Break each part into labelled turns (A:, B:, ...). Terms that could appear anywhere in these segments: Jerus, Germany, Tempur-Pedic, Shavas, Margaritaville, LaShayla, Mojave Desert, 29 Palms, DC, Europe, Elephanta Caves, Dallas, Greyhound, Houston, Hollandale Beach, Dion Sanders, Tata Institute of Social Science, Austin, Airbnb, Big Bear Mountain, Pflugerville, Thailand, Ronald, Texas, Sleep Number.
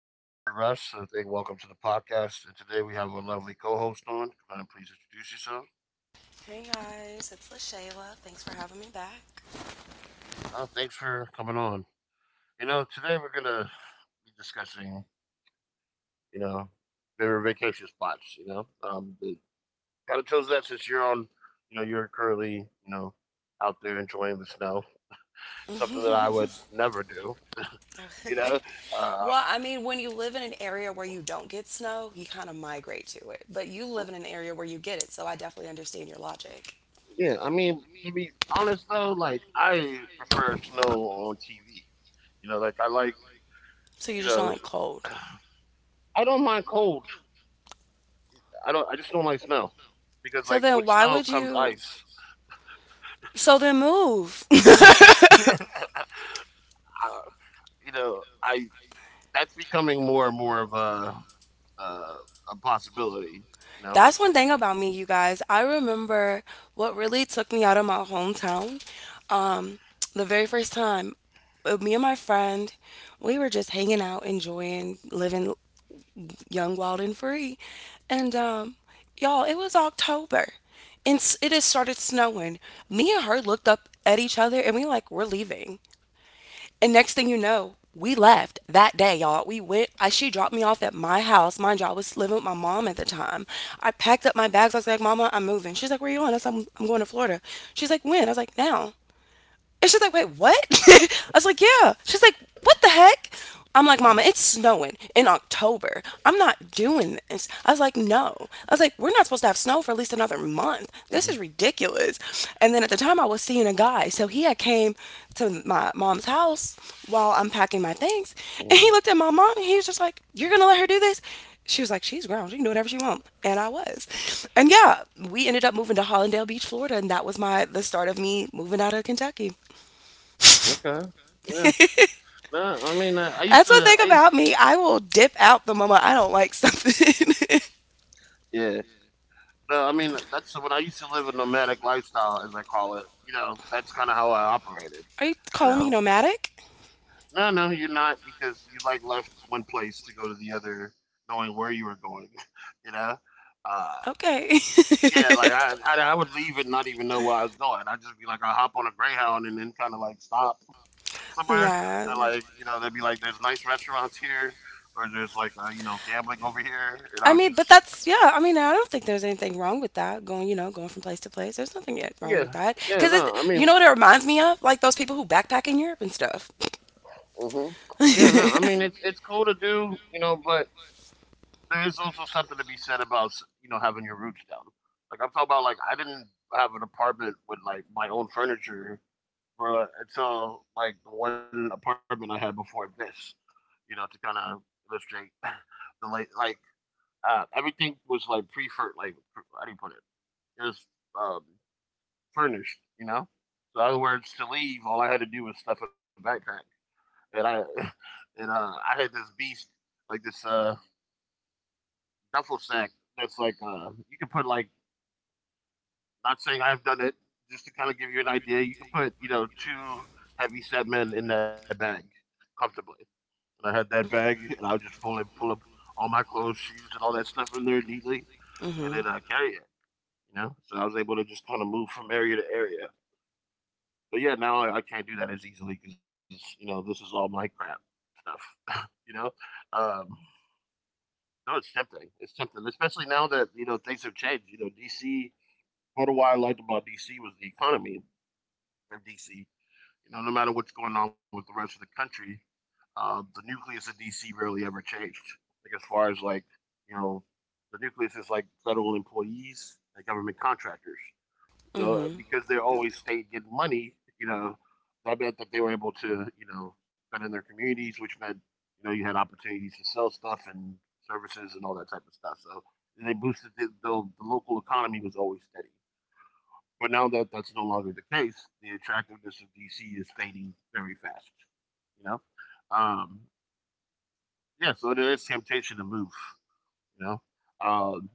A: My name's Jerus. And welcome to the podcast. And today we have a lovely co-host on. Glenn, please introduce yourself.
B: Hey guys, it's LaShayla. Thanks for having me back.
A: Thanks for coming on. Today we're gonna be discussing, you know, favorite vacation spots. They kind of chose that since you're on, you're currently, know, out there enjoying the snow. Something that I would never do. You know, uh,
B: Well, I mean, when you live in an area where you don't get snow, you kind of migrate to it. But you live in an area where you get it, so I definitely understand your logic.
A: Yeah, I mean, to be honest though, like I prefer snow on TV. Like I like,
B: So you
A: you
B: just don't
A: know,
B: like cold.
A: I don't mind cold. I don't. I just don't like snow because,
B: So
A: like,
B: then
A: with
B: why
A: snow
B: would
A: comes
B: you
A: ice.
B: so then move?
A: Uh, I That's becoming more and more of uh, a possibility. You know.
B: That's one thing about me, you guys. I remember what really took me out of my hometown. Um, the very first time, me and my friend, we were just hanging out, enjoying living Young, Wild, and Free. And y'all, it was October and it had started snowing. Me and her looked up at each other and we like, we're leaving. And next thing you know, we left that day, y'all. We went. She dropped me off at my house. Mind you, I was living with my mom at the time. I packed up my bags. I was like, "Mama, I'm moving." She's like, "Where are you going?" I said, "I'm going to Florida." She's like, "When?" I was like, "Now." And she's like, wait, what? I was like, yeah. She's like, what the heck? I'm like, Mama,
A: Mhm,
B: it's snowing in October. I'm not doing this. I was like, no. I was like, we're not supposed to have snow for at least another month. This is
A: mhm,
B: ridiculous. And then at the time, I was seeing a guy. So he had came to my mom's house while I'm packing my things. And
A: mhm.
B: he looked at my mom and he was just like, you're going to let her do this? She was like, she's grown. She can do whatever she wants. And I was. And yeah, we ended up moving to Hollandale Beach, Florida. And that was my the start of me moving out of Kentucky.
A: Okay. Yeah. No, I mean, I used
B: That's one
A: to.
B: thing
A: I
B: about
A: used.
B: me. I will dip out the moment I don't like something.
A: Yeah. No, I mean that's when I used to live a nomadic lifestyle, as I call it. That's kind of how I operated.
B: Are you
A: You
B: calling me
A: know,
B: nomadic?
A: no, no, you're not because you like left one place to go to the other, knowing where you were going. You know, uh,
B: Okay.
A: yeah, like I would leave and not even know where I was going. I'd just be like, I hop on a Greyhound and then kind of like stop somewhere,
B: Nah.
A: and like they'd be like, there's nice restaurants here, or there's like gambling over here, and
B: I
A: I'll
B: mean, but
A: just
B: that's yeah. I mean, I don't think there's anything wrong with that. Going, you know, going from place to place. There's nothing yet wrong with
A: yeah,
B: that.
A: yeah,
B: Cause
A: no, I
B: you
A: mean.
B: know what it reminds me of? Like those people who backpack in Europe and stuff.
A: Hmm. Yeah, no, I mean it's cool to do, but there is also something to be said about having your roots down. Like I'm talking about, like I didn't have an apartment with like my own furniture for until like the one apartment I had before this, to kind of illustrate the everything was like pre fur like pr- how do you put it? It was um, furnished. So in other words, to leave, all I had to do was stuff a backpack, and I had this beast, like this duffel sack that's like you can put, like, not saying I've done it, just to kind of give you an idea, you can put two heavy set men in that bag comfortably. And I had that bag and I would just pull and pull up all my clothes, shoes, and all that stuff in there neatly, and then
B: Mhm.
A: carry it, so I was able to just kind of move from area to area. But yeah, now I can't do that as easily because this is all my crap stuff. Um No, it's tempting. It's tempting, especially now that things have changed. DC. Part of why I liked about DC was the economy in DC. No matter what's going on with the rest of the country, the nucleus of DC rarely ever changed. Like as far as like, you know, the nucleus is like federal employees and government contractors. So,
B: Mhm.
A: because they always stayed getting money, you know, that meant that they were able to, spend in their communities, which meant, you had opportunities to sell stuff and services and all that type of stuff. So they boosted the local economy was always steady. But now that that's no longer the case, the attractiveness of DC is fading very fast. You know, um, yeah. So there is temptation to move. You know, um,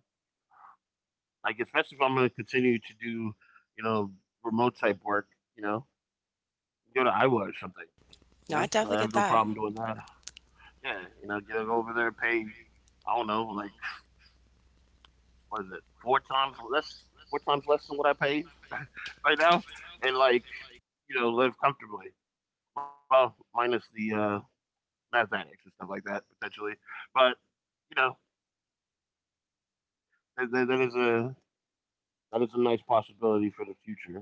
A: like especially if I'm going to continue to do, you know, remote type work. You know, Go to Iowa or something.
B: No, I
A: I have no
B: definitely get
A: problem doing
B: that.
A: that. Yeah, get over there, pay. I don't know, like what is it? Four times less than what I pay right now, and like live comfortably. Well, minus the mathematics and stuff like that potentially, but you know, that, that, that is a that is a nice possibility for the future.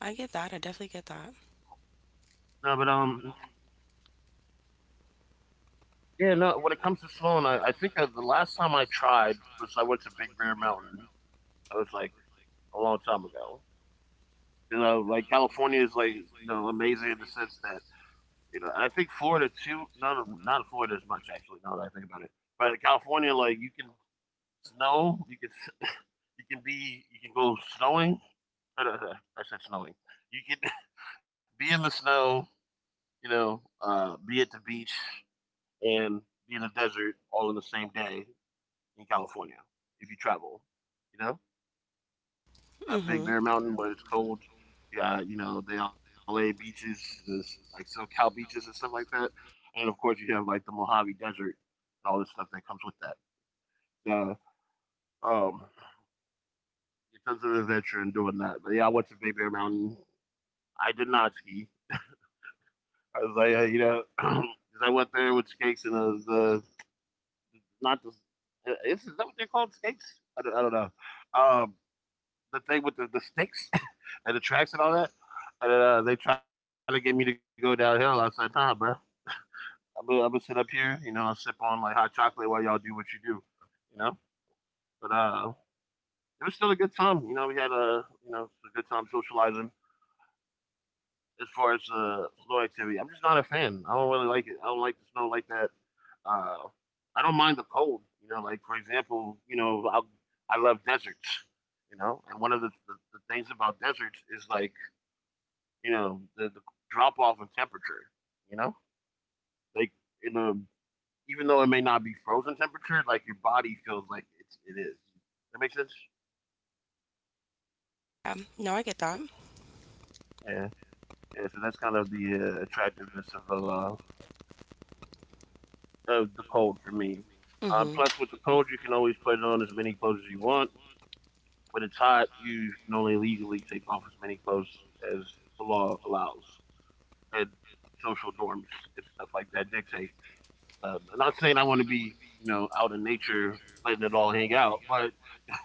B: I get that. I definitely get that.
A: No, but yeah, no. When it comes to Sloan, I think the last time I tried was I went to Big Bear Mountain. That was like a long time ago. Like California is like amazing in the sense that I think Florida too. Not Florida as much, actually. Now that I think about it, but in California, like you can you can go snowing. I I said snowing. You can be in the snow, be at the beach and be in the desert all in the same day in California if you travel. You know, got Big
B: Mhm.
A: Bear Mountain, but it's cold. You got, the LA beaches, this, like SoCal beaches and stuff like that. And of course, you have like the Mojave Desert and all this stuff that comes with that. So, um, it does an adventure in doing that. But yeah, I went to Big Bear Mountain. I did not ski. I was like, I went there with skates and I was not the. Is that what they're called? Skates? I don't know. Um, the thing with the, sticks and the tracks and all that. And they tried to get me to go downhill. I said, nah, bro. I'm gonna sit up here, I'll sip on like hot chocolate while y'all do what you do, you know. But it was still a good time. We had a a good time socializing. As far as snow activity, I'm just not a fan. I don't really like it. I don't like the snow like that. Uh, I don't mind the cold. Like for example, I love deserts. And one of the things about deserts is like the, drop off in temperature. You know, like in the even though it may not be frozen temperature, like your body feels like it is. That makes sense.
B: No, I get that.
A: Yeah, yeah. So that's kind of the attractiveness of the cold for me.
B: Mhm.
A: Plus, with the cold, you can always put on as many clothes as you want. When it's hot, you can only legally take off as many clothes as the law allows and social norms and stuff like that dictate. I'm not saying I want to be, out in nature letting it all hang out, but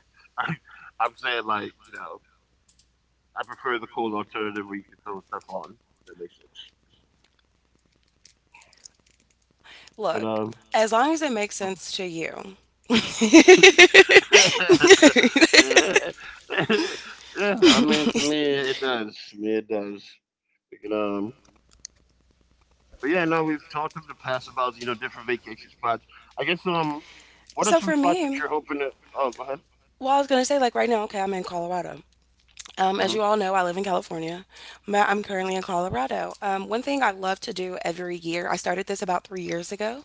A: I, I'm saying like, I prefer the cold alternative where you can throw stuff on. If that makes sense.
B: Look,
A: But
B: as long as it makes sense to you.
A: um, yeah, yeah. I mean, to me, it does. To me, it does. We can, um, but yeah, no, we've talked in the past about different vacation spots. I guess what are
B: so
A: some
B: for
A: spots that
B: me,
A: you're hoping to? Oh, go ahead.
B: Well, I was gonna say like right now, okay, I'm in Colorado. As
A: Mm-hmm.
B: you all know, I live in California, but I'm currently in Colorado. One thing I love to do every year, I started this about 3 years ago,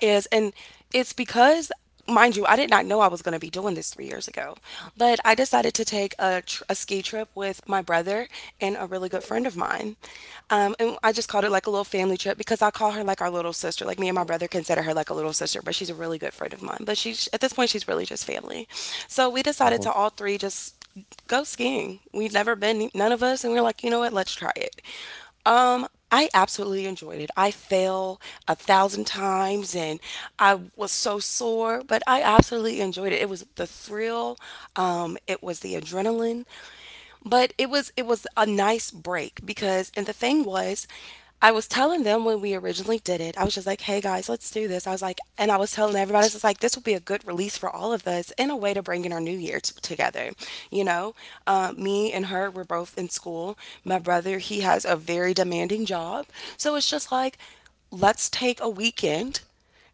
B: is, and it's because, mind you, I did not know I was going to be doing this 3 years ago, but I decided to take a ski trip with my brother and a really good friend of mine. And I just called it like a little family trip because I call her like our little sister. Like me and my brother consider her like a little sister, but she's a really good friend of mine. But she's, at this point, she's really just family. So we decided
A: Mm-hmm.
B: to all three just go skiing. We'd never been, none of us, and we are like, you know what, let's try it. I absolutely enjoyed it. I fell a thousand times and I was so sore, but I absolutely enjoyed it. It was the thrill, it was the adrenaline. But it was a nice break because and the thing was I was telling them when we originally did it, I was just like, hey guys, let's do this. I was like, and I was telling everybody, it's just like, this will be a good release for all of us and a way to bring in our new year together. You know, Me and her, we're both in school. My brother, he has a very demanding job. So it's just like, let's take a weekend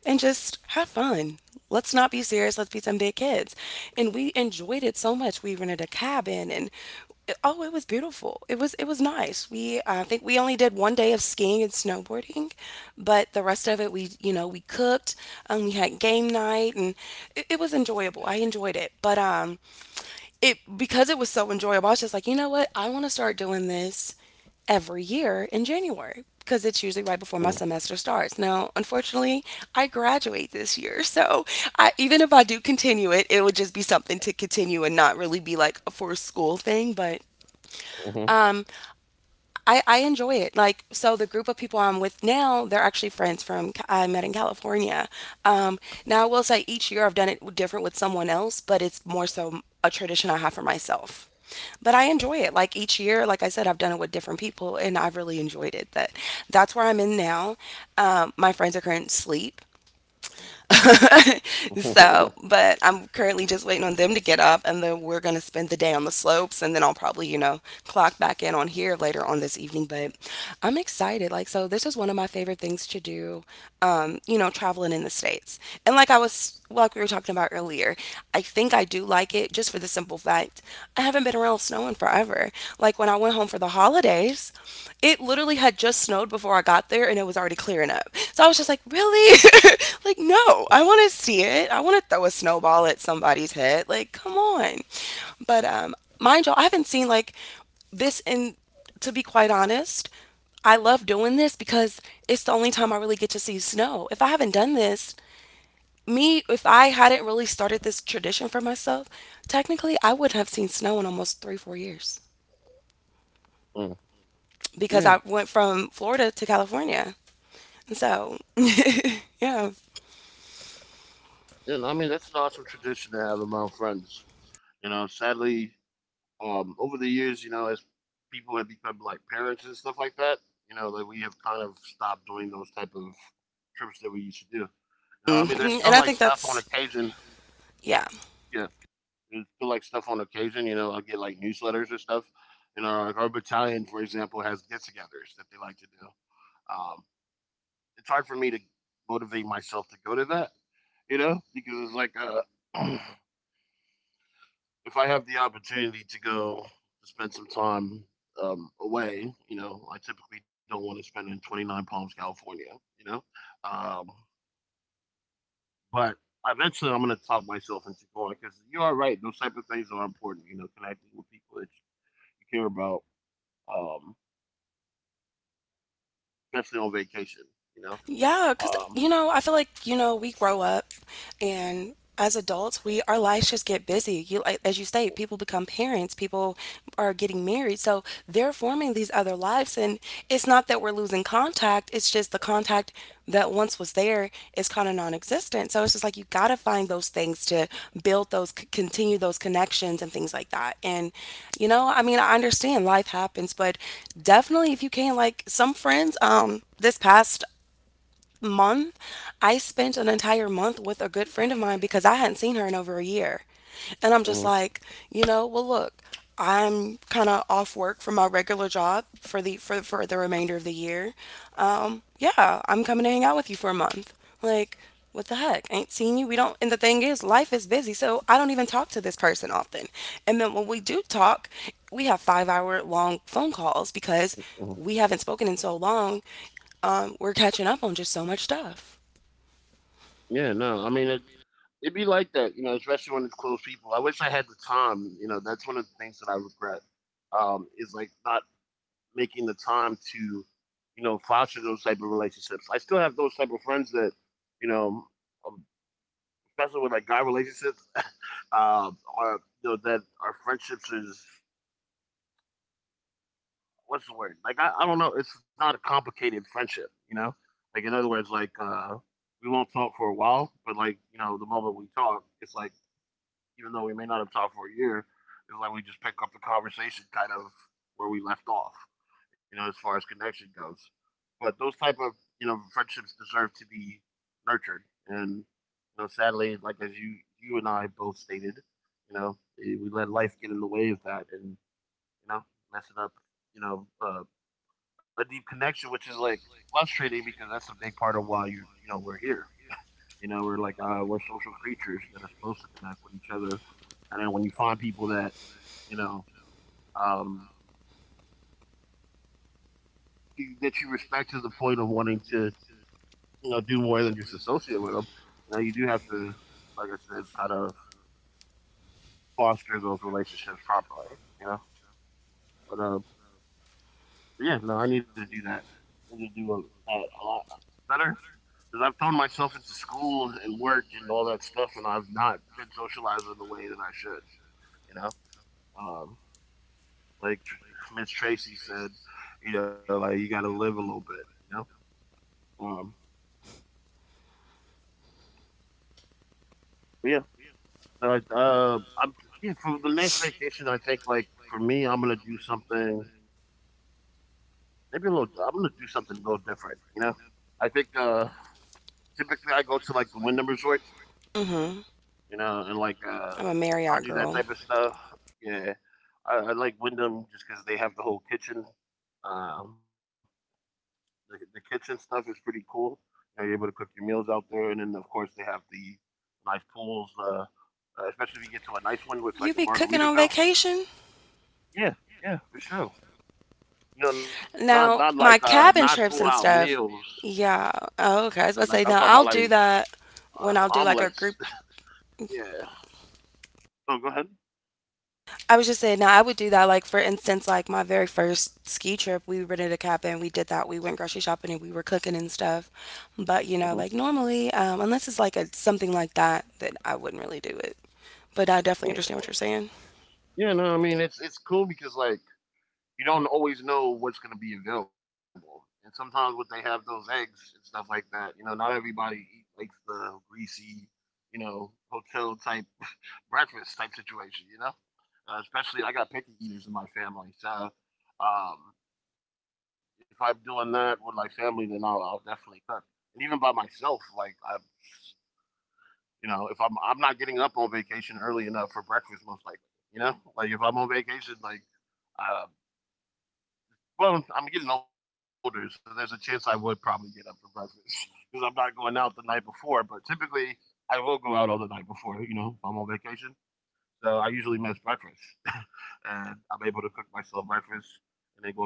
B: and just have fun. Let's not be serious. Let's be some big kids. And we enjoyed it so much. We rented a cabin and oh, it was beautiful. It was nice. We I think we only did one day of skiing and snowboarding, but the rest of it we you know we cooked. We had game night and it was enjoyable. I enjoyed it, but it because it was so enjoyable, I was just like you know what, I want to start doing this every year in January because it's usually right before my semester starts. Now, unfortunately, I graduate this year, so even if I do continue it, it would just be something to continue and not really be like a for school thing. But
A: Mm-hmm.
B: um, I enjoy it. Like, so the group of people I'm with now, they're actually friends from I met in California. Um, Now, I will say each year I've done it different with someone else, but it's more so a tradition I have for myself. But I enjoy it. Like each year, like I said, I've done it with different people, and I've really enjoyed it. That that's where I'm in now. My friends are currently asleep,
A: Mm-hmm.
B: so, but I'm currently just waiting on them to get up, and then we're going to spend the day on the slopes, and then I'll probably, you know, clock back in on here later on this evening. But I'm excited. Like, so this is one of my favorite things to do, traveling in the States. And like I was, like we were talking about earlier, I think I do like it just for the simple fact I haven't been around snow in forever. Like, when I went home for the holidays, it literally had just snowed before I got there and it was already clearing up. So I was just like, really? Like, no, I want to see it. I want to throw a snowball at somebody's head. Like, come on. But mind you, I haven't seen like this in, to be quite honest, I love doing this because it's the only time I really get to see snow. If I haven't done this, if I hadn't really started this tradition for myself, technically I wouldn't have seen snow in almost 3, 4 years.
A: Mm.
B: Because
A: Yeah,
B: I went from Florida to California. And so, yeah.
A: yeah. I mean, that's an awesome tradition to have among friends. Sadly, over the years, as people have become like parents and stuff like that, like we have kind of stopped doing those type of trips that we used to do. I mean, there's
B: Mhm. And
A: still
B: I
A: like
B: think
A: stuff on
B: that's,
A: occasion.
B: yeah,
A: Yeah, there's still like stuff on occasion. I get like newsletters or stuff. Like our battalion, for example, has get-togethers that they like to do. Um, it's hard for me to motivate myself to go to that. Because it's like uh, if I have the opportunity to go spend some time away, I typically don't want to spend in 29 Palms, California. you know, um, but eventually I'm going to talk myself into going because you are right. Those type of things are important, connecting with people that you care about, um, especially on vacation, you know.
B: yeah, because,
A: Um,
B: I feel like, we grow up and as adults, we our lives just get busy. You Like as you state, people become parents, people are getting married. So they're forming these other lives and it's not that we're losing contact, it's just the contact that once was there is kind of non-existent. So it's just like you got to find those things to build those continue those connections and things like that. And I mean, I understand life happens, but definitely if you can, like some friends this past month, I spent an entire month with a good friend of mine because I hadn't seen her in over a year. And I'm just
A: mhm,
B: like, well look, I'm kind of off work from my regular job for the remainder of the year. Yeah, I'm coming to hang out with you for a month. Like, what the heck? Ain't seen you. We don't. And the thing is, life is busy, so I don't even talk to this person often. And then when we do talk, we have 5-hour long phone calls because
A: mhm.
B: we haven't spoken in so long. We're catching up on just so much stuff.
A: Yeah, no, I mean, it'd be like that, especially when it's close people. I wish I had the time. That's one of the things that I regret, is like not making the time to, foster those type of relationships. I still have those type of friends that, you know, um, especially with like guy relationships, are that our friendships is, what's the word? Like I don't know. It's not a complicated friendship. Like in other words, like we won't talk for a while, but like you know, the moment we talk, it's like even though we may not have talked for a year, it's like we just pick up the conversation kind of where we left off, you know, as far as connection goes. But those type of you know friendships deserve to be nurtured, and you know, sadly, like as you and I both stated, you know, we let life get in the way of that, and you know, messing up, you know, a deep connection, which is like frustrating because that's a big part of why you you know we're here. You know, we're like we're social creatures that are supposed to connect with each other, and then when you find people that you know um, that you respect to the point of wanting to you know do more than just associate with them, you know, you do have to, like I said, kind of foster those relationships properly. You know, but uh, but yeah, no, I need to do that. I need to do that a lot better because I've thrown myself into school and work and all that stuff, and I've not been socializing the way that I should. You know, um, like Miss Tracy said, you know, like you got to live a little bit, you know. Um, but yeah, I'm yeah for the next vacation. I think like for me, I'm gonna do something maybe a little. I'm gonna do something a little different, you know. I think typically I go to like the Wyndham Resort,
B: Mm-hmm.
A: you know, and like
B: I'm a Marriott
A: I'll do that
B: girl.
A: type of stuff. Yeah, I like Wyndham just because they have the whole kitchen. Um, the kitchen stuff is pretty cool. You know, you're able to cook your meals out there, and then of course they have the nice pools. Especially if you get to a nice
B: You
A: one
B: be
A: with like a
B: cooking on
A: Margaritaville.
B: vacation?
A: Yeah, yeah, for sure. You know, not
B: Now,
A: not
B: my
A: like
B: cabin
A: not
B: trips
A: full
B: and
A: out
B: stuff.
A: meals.
B: Yeah. Oh, okay. I was about to say, no,
A: Like I'm talking
B: I'll
A: about
B: do
A: like
B: that when I'll do like a group.
A: omelets. Yeah. Oh, go ahead.
B: I was just saying, no, I would do that. Like, for instance, like my very first ski trip, we rented a cabin. We did that. We went grocery shopping and we were cooking and stuff. But,
A: Uh huh.
B: like normally, unless it's like a something like that, then I wouldn't really do it. But I definitely
A: Yeah.
B: understand what you're saying.
A: Yeah. No, I mean it's cool because like you don't always know what's going to be available. And sometimes when they have those eggs and stuff like that, you know, not everybody likes the greasy, you know, hotel type breakfast type situation, you know? Especially I got picky eaters in my family. So if I'm doing that with my family, then I'll definitely cook. And even by myself, you know, if I'm not getting up on vacation early enough for breakfast, most likely, you know, like if I'm on vacation, like uh, well, I'm getting older, so there's a chance I would probably get up for breakfast because I'm not going out the night before. But typically, I will go out all the night before. You know, if I'm on vacation, so I usually miss breakfast, and I'm able to cook myself breakfast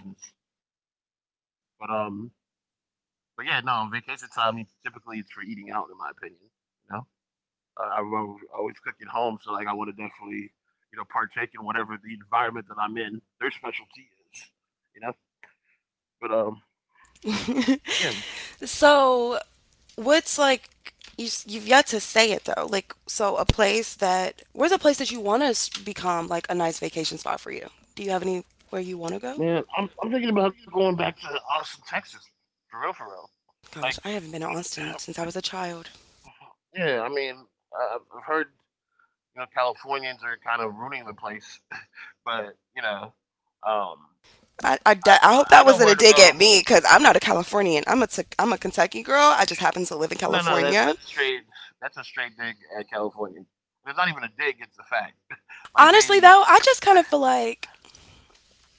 A: and then go about my business. But but yeah, no, vacation time typically it's for eating out, in my opinion. You know, I will always cook at home, so like I want to definitely, you know, partake in whatever the environment that I'm in. Their specialty is, you know. But yeah,
B: So, what's like you've yet to say it though. Like so a place that where's a place that you want to become like a nice vacation spot for you? Do you have anywhere you want to go?
A: man, I'm thinking about going back to Austin, Texas, for real, for real.
B: Gosh,
A: Like,
B: I haven't been to
A: you
B: Austin
A: know,
B: since I was a child.
A: yeah, I mean, I've heard you know Californians are kind of ruining the place, but you know, um, I
B: I hope
A: I
B: that
A: know
B: wasn't
A: where
B: a
A: to
B: dig at
A: go.
B: me because I'm not a Californian. I'm a, I'm a Kentucky girl. I just happen to live in
A: No, no, that
B: California.
A: that's straight. That's a straight dig at California. It's not even a dig; it's a fact. Like
B: Honestly,
A: they,
B: though, I just kind of feel like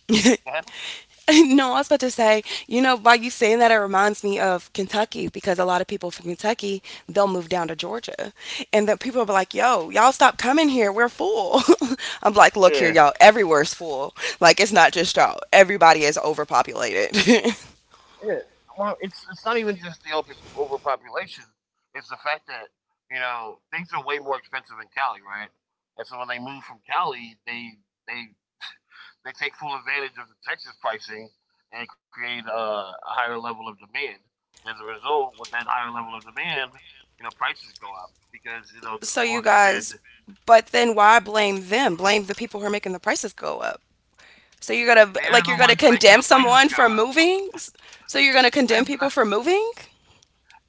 B: no, I was about to say, you know, by you saying that, it reminds me of Kentucky because a lot of people from Kentucky, they'll move down to Georgia. And the people will be like, yo, y'all stop coming here. We're full. I'm like, look here,
A: yeah,
B: y'all. Everywhere's full. Like, it's not just y'all. Everybody is overpopulated.
A: yeah. Well, it's not even just the overpopulation. It's the fact that you know things are way more expensive in Cali, right? And so when they move from Cali, they they take full advantage of the Texas pricing and create a higher level of demand. And as a result, with that higher level of demand, you know prices go up because you know,
B: So you
A: Lord
B: guys,
A: forbid,
B: but then why blame them? Blame the people who are making the prices go up. So, you're going to, like,
A: they're
B: you're
A: the
B: going to
A: ones
B: condemn
A: making the
B: someone
A: prices go
B: for
A: up.
B: moving? So, you're going to
A: They're,
B: condemn people for moving?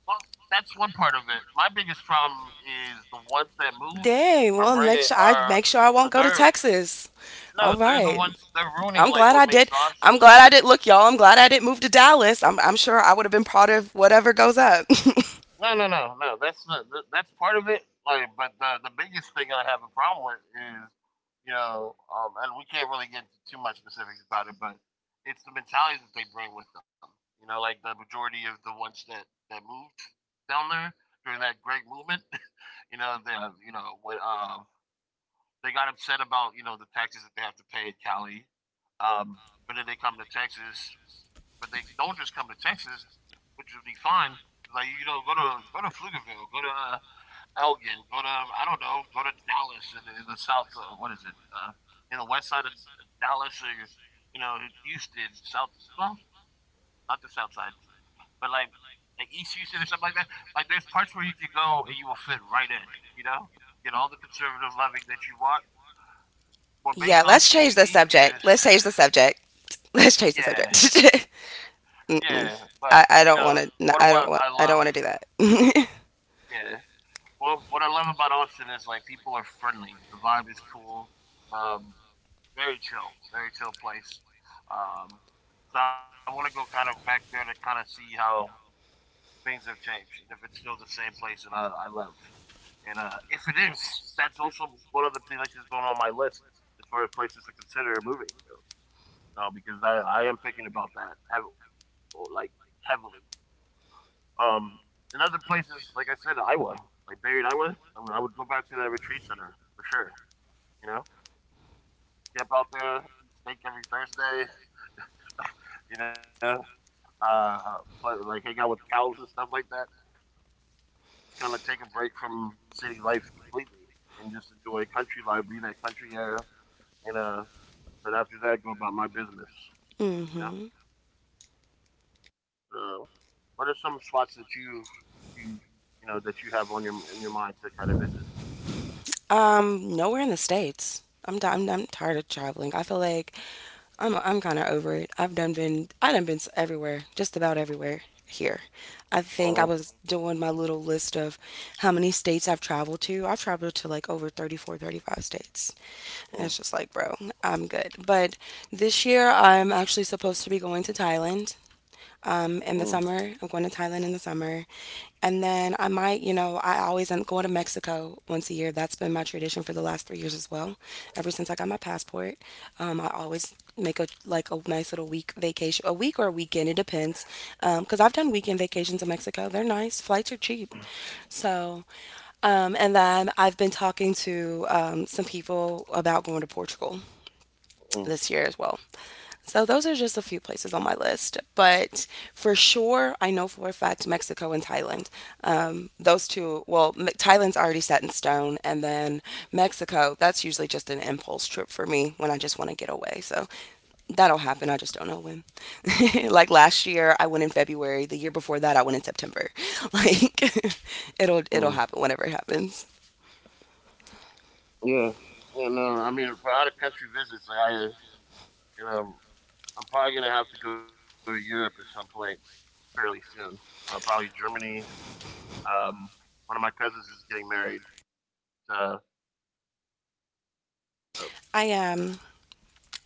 A: well, that's one part of it. My biggest problem is the ones that move
B: Dang,
A: are
B: well,
A: bringing
B: make sure I won't
A: are
B: go to
A: they're
B: Texas. All
A: no, they're the
B: right.
A: ones they're ruining
B: I'm
A: like
B: glad I
A: what
B: did.
A: makes
B: I'm
A: us.
B: glad I did. Look, y'all, I'm glad I didn't move to Dallas. I'm sure I would have been part of whatever goes up.
A: No, no, no, no. That's not, that's part of it. Like, but the biggest thing I have a problem with is, you know, and we can't really get into too much specifics about it, but it's the mentality that they bring with them. You know, like the majority of the ones that moved down there during that great movement. You know, the you know with they got upset about you know the taxes that they have to pay in Cali, but then they come to Texas, but they don't just come to Texas, which would be fine. Like you know, go to Pflugerville, go to Elgin, go to I don't know, go to Dallas in, in the south. What is it? In the west side of Dallas, or you know, Houston, south. Well, not the south side, but like East Houston or something like that. Like there's parts where you can go and you will fit right in. You know, get all the conservative loving that you want. What
B: yeah,
A: makes
B: let's
A: Austin
B: change the
A: unique
B: subject.
A: is,
B: Let's change the subject. Let's change the subject.
A: yeah, yeah.
B: Mm-mm.
A: But you
B: I,
A: know,
B: I don't
A: part of
B: want
A: what I
B: to.
A: love,
B: I don't want to do that.
A: yeah. Well, what I love about Austin is like people are friendly. The vibe is cool. Um, Very chill, very chill place. Um, so I want to go kind of back there to kind of see how things have changed and if it's still the same place that I lived. And if it is, that's also one of the places going on my list as far as places to consider moving to. You know, because I am thinking about like heavily. Um, in other places, like I said, Iowa, like buried Iowa, I would go back to that retreat center for sure. You know, camp out there, eat steak every Thursday. You know, uh, play, like hang out with cows and stuff like that. Just kind of take a break from city life completely and just enjoy country life, breathe that country air, and then after that, go about my business.
B: hmm.
A: You know. Uh, what are some spots that you you know that you have on your in your mind to kind of visit?
B: Nowhere in the states. I'm tired of traveling. I feel like I'm kind of over it. I done been everywhere, just about everywhere here. I think I was
A: Uh-huh.
B: doing my little list of how many states I've traveled to. I've traveled to like over 34, 35 states. And it's just like,
A: Mm,
B: bro, I'm good. But this year I'm actually supposed to be going to Thailand. Um,
A: mm,
B: in the summer, I'm going to Thailand in the summer. And then I might, you know, I always am going to Mexico once a year. That's been my tradition for the last 3 years as well. Ever since I got my passport, I always make a like a nice little week vacation, a week or a weekend. It depends, because I've done weekend vacations in Mexico. They're nice. Flights are cheap. So, and then I've been talking to some people about going to Portugal
A: mm,
B: this year as well. So those are just a few places on my list, but for sure, I know for a fact Mexico and Thailand. Those two, well, Me- Thailand's already set in stone, and then Mexico, that's usually just an impulse trip for me when I just want to get away. So that'll happen. I just don't know when. like last year, I went in February. The year before that, I went in September. Like it'll
A: mm.
B: it'll happen whenever it happens.
A: Yeah, yeah, no, I mean for out of country visits, like, I you know I'm probably gonna have to go to Europe at some point fairly soon. Probably Germany. Um, One of my cousins is getting married. Uh, uh,
B: I am.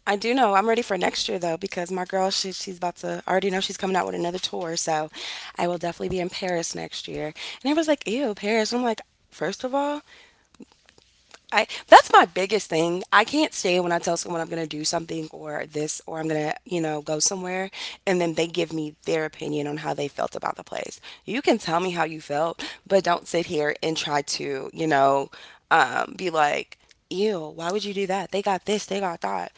B: I do know I'm ready for next year, though, because my girl, she, she's about to I already know she's coming out with another tour, so I will definitely be in Paris next year. And everyone's like, ew, Paris. I'm like, first of all, I that's my biggest thing. I can't say, when I tell someone I'm gonna do something or this, or I'm gonna, you know, go somewhere, and then they give me their opinion on how they felt about the place. You can tell me how you felt, but don't sit here and try to, you know, be like, ew, why would you do that? They got this, they got that.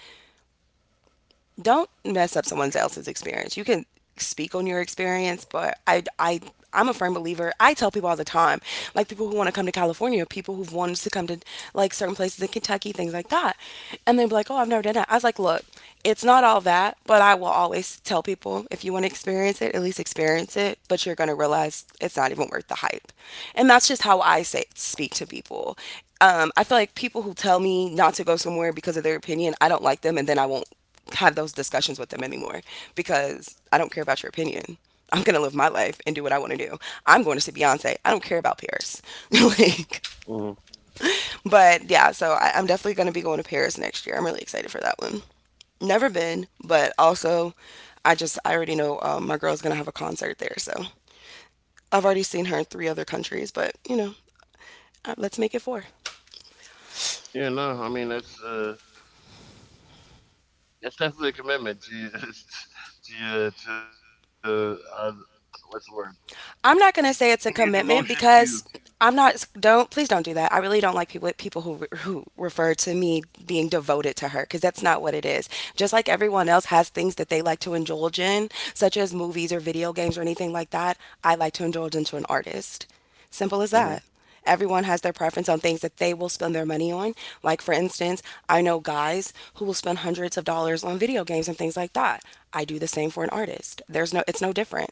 B: Don't mess up someone else's experience. You can speak on your experience, but I I'm a firm believer. I tell people all the time, like people who want to come to California, people who've wanted to come to like certain places in Kentucky, things like that. And they'll be like, oh, I've never done that. I was like, look, it's not all that, but I will always tell people, if you want to experience it, at least experience it. But you're gonna realize it's not even worth the hype. And that's just how I say speak to people. I feel like people who tell me not to go somewhere because of their opinion, I don't like them, and then I won't have those discussions with them anymore because I don't care about your opinion. I'm gonna live my life and do what I want to do. I'm going to see Beyonce. I don't care about Paris. like,
A: Mm.
B: but yeah, so I'm definitely gonna be going to Paris next year. I'm really excited for that one. Never been, but also, I just I already know, my girl's gonna have a concert there, so I've already seen her in three other countries. But you know, let's make it four.
A: Yeah, no, I mean that's definitely a commitment to to what's the word,
B: I'm not
A: the,
B: gonna
A: your
B: say it's a
A: devotion
B: commitment
A: to,
B: because I'm not. Don't, please don't do that. I really don't like people who refer to me being devoted to her because that's not what it is. Just like everyone else has things that they like to indulge in, such as movies or video games or anything like that. I like to indulge into an artist. Simple as
A: hmm.
B: that. Everyone has their preference on things that they will spend their money on. Like, for instance, I know guys who will spend hundreds of dollars on video games and things like that. I do the same for an artist. There's no, it's no different.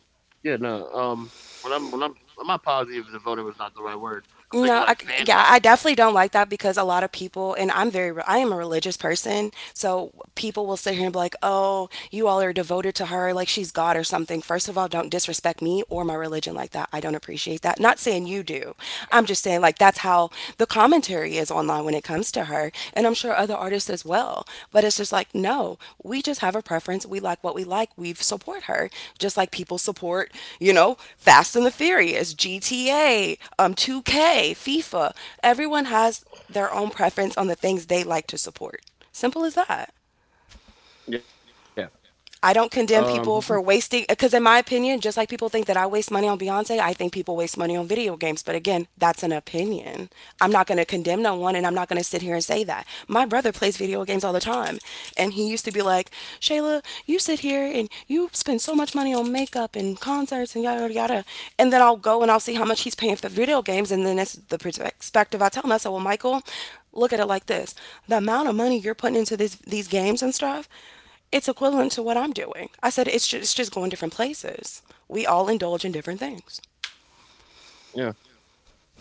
A: Yeah, no, when I'm I'm not positive, devoted was not the right word. I'm thinking
B: No,
A: like
B: I, yeah,
A: fandom.
B: I definitely don't like that because a lot of people, and I am a religious person, so people will sit here and be like, "Oh, you all are devoted to her like she's God or something." First of all, don't disrespect me or my religion like that. I don't appreciate that. Not saying you do. I'm just saying, like, that's how the commentary is online when it comes to her. And I'm sure other artists as well. But it's just like, no, we just have a preference. We like what we like. We support her, just like people support, you know, Fast and the Furious, GTA, 2K, FIFA. Everyone has their own preference on the things they like to support. Simple as that.
A: Yeah,
B: I don't
A: um, mm-hmm.
B: condemn people for wasting, because in my opinion, just like people think that I waste money on Beyonce, I think people waste money on video games. But again, that's an opinion. I'm not going to condemn no one, and I'm not going to sit here and say that. My brother plays video games all the time, and he used to be like, Shayla, you sit here and you spend so much money on makeup and concerts and yada, yada, yada. And then I'll go and I'll see how much he's paying for video games, and then it's the perspective I tell him. I said, well, Michael, look at it like this, the amount of money you're putting into this, these games and stuff, it's equivalent to what I'm doing. I said it's just going different places. We all indulge in different things.
A: Yeah,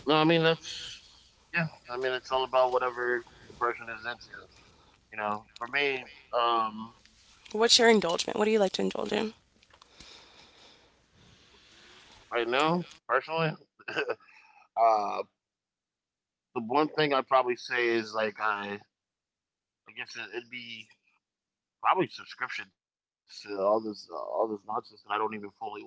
A: no, I mean that's, yeah, I mean it's all about whatever the person is into. You know for me, um
B: What's your indulgement? What do you like to indulge in?
A: right now personally uh the one thing I'd probably say is like I guess it'd be probably subscriptions to all this nonsense that I don't even fully watch.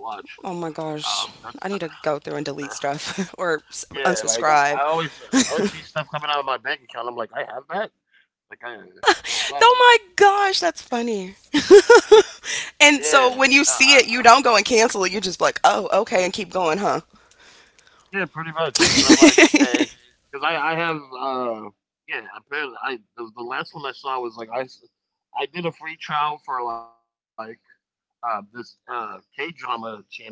B: Oh my
A: That's
B: gosh. I need to go
A: the,
B: through and delete stuff or
A: yeah, like I
B: unsubscribe.
A: always, I always see stuff coming out of my bank account. I'm like, I have that. Like I, it's not,
B: Oh my gosh, that's funny.
A: yeah, no,
B: And
A: I, I,
B: so when you see it, you don't go and cancel it. You just like, oh, okay, and keep going, huh?
A: yeah, pretty much. Because I'm like, okay, because I have, yeah, apparently, the last one I saw was like I did a free trial for like this K drama channel thingy,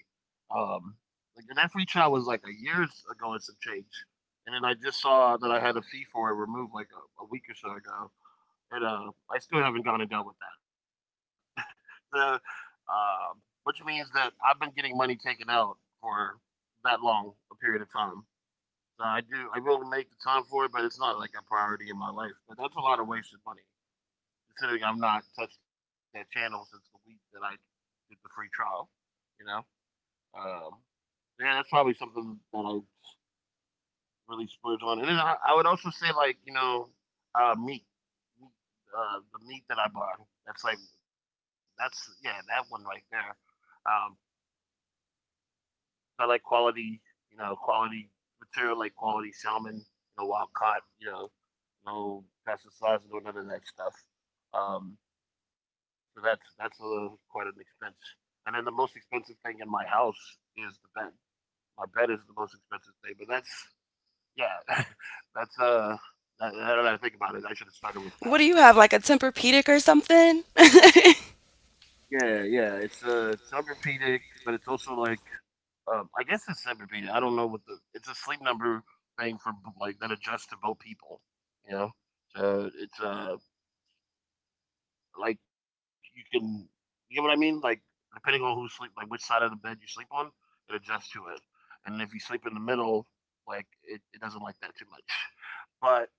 A: like and that free trial was like a years ago and some change, and then I just saw that I had a fee for it removed like a week or so ago. And I still haven't gone and dealt with that. The, uh, um, which means that I've been getting money taken out for that long a period of time. So I do, I will make the time for it, but it's not like a priority in my life. But that's a lot of wasted money, considering I'm not touched that channel since the week that I did the free trial. You know, um, yeah, that's probably something that I really splurge on. And then I would also say like you know, uh, meat, meat, the meat that I buy. That's like that's, yeah, that one right there. Um, I like quality, you know, quality material, like quality salmon, you know, wild caught, you know, no pesticides, no none of that stuff. Um, so that's quite an expense. And then the most expensive thing in my house is the bed. My bed is the most expensive thing, but that's Yeah, that's. Now that I think about it, I should have started
B: what do
A: with
B: you
A: that.
B: have, like a Tempur-Pedic or something?
A: Yeah, yeah, it's Tempur-Pedic, but it's also like, I guess it's Tempur-Pedic. I don't know what the it's a sleep number thing for like that adjusts to both people. You know, so it's like you can you get what I mean. Like depending on like which side of the bed you sleep on, it adjusts to it. And if you sleep in the middle, like it doesn't like that too much. But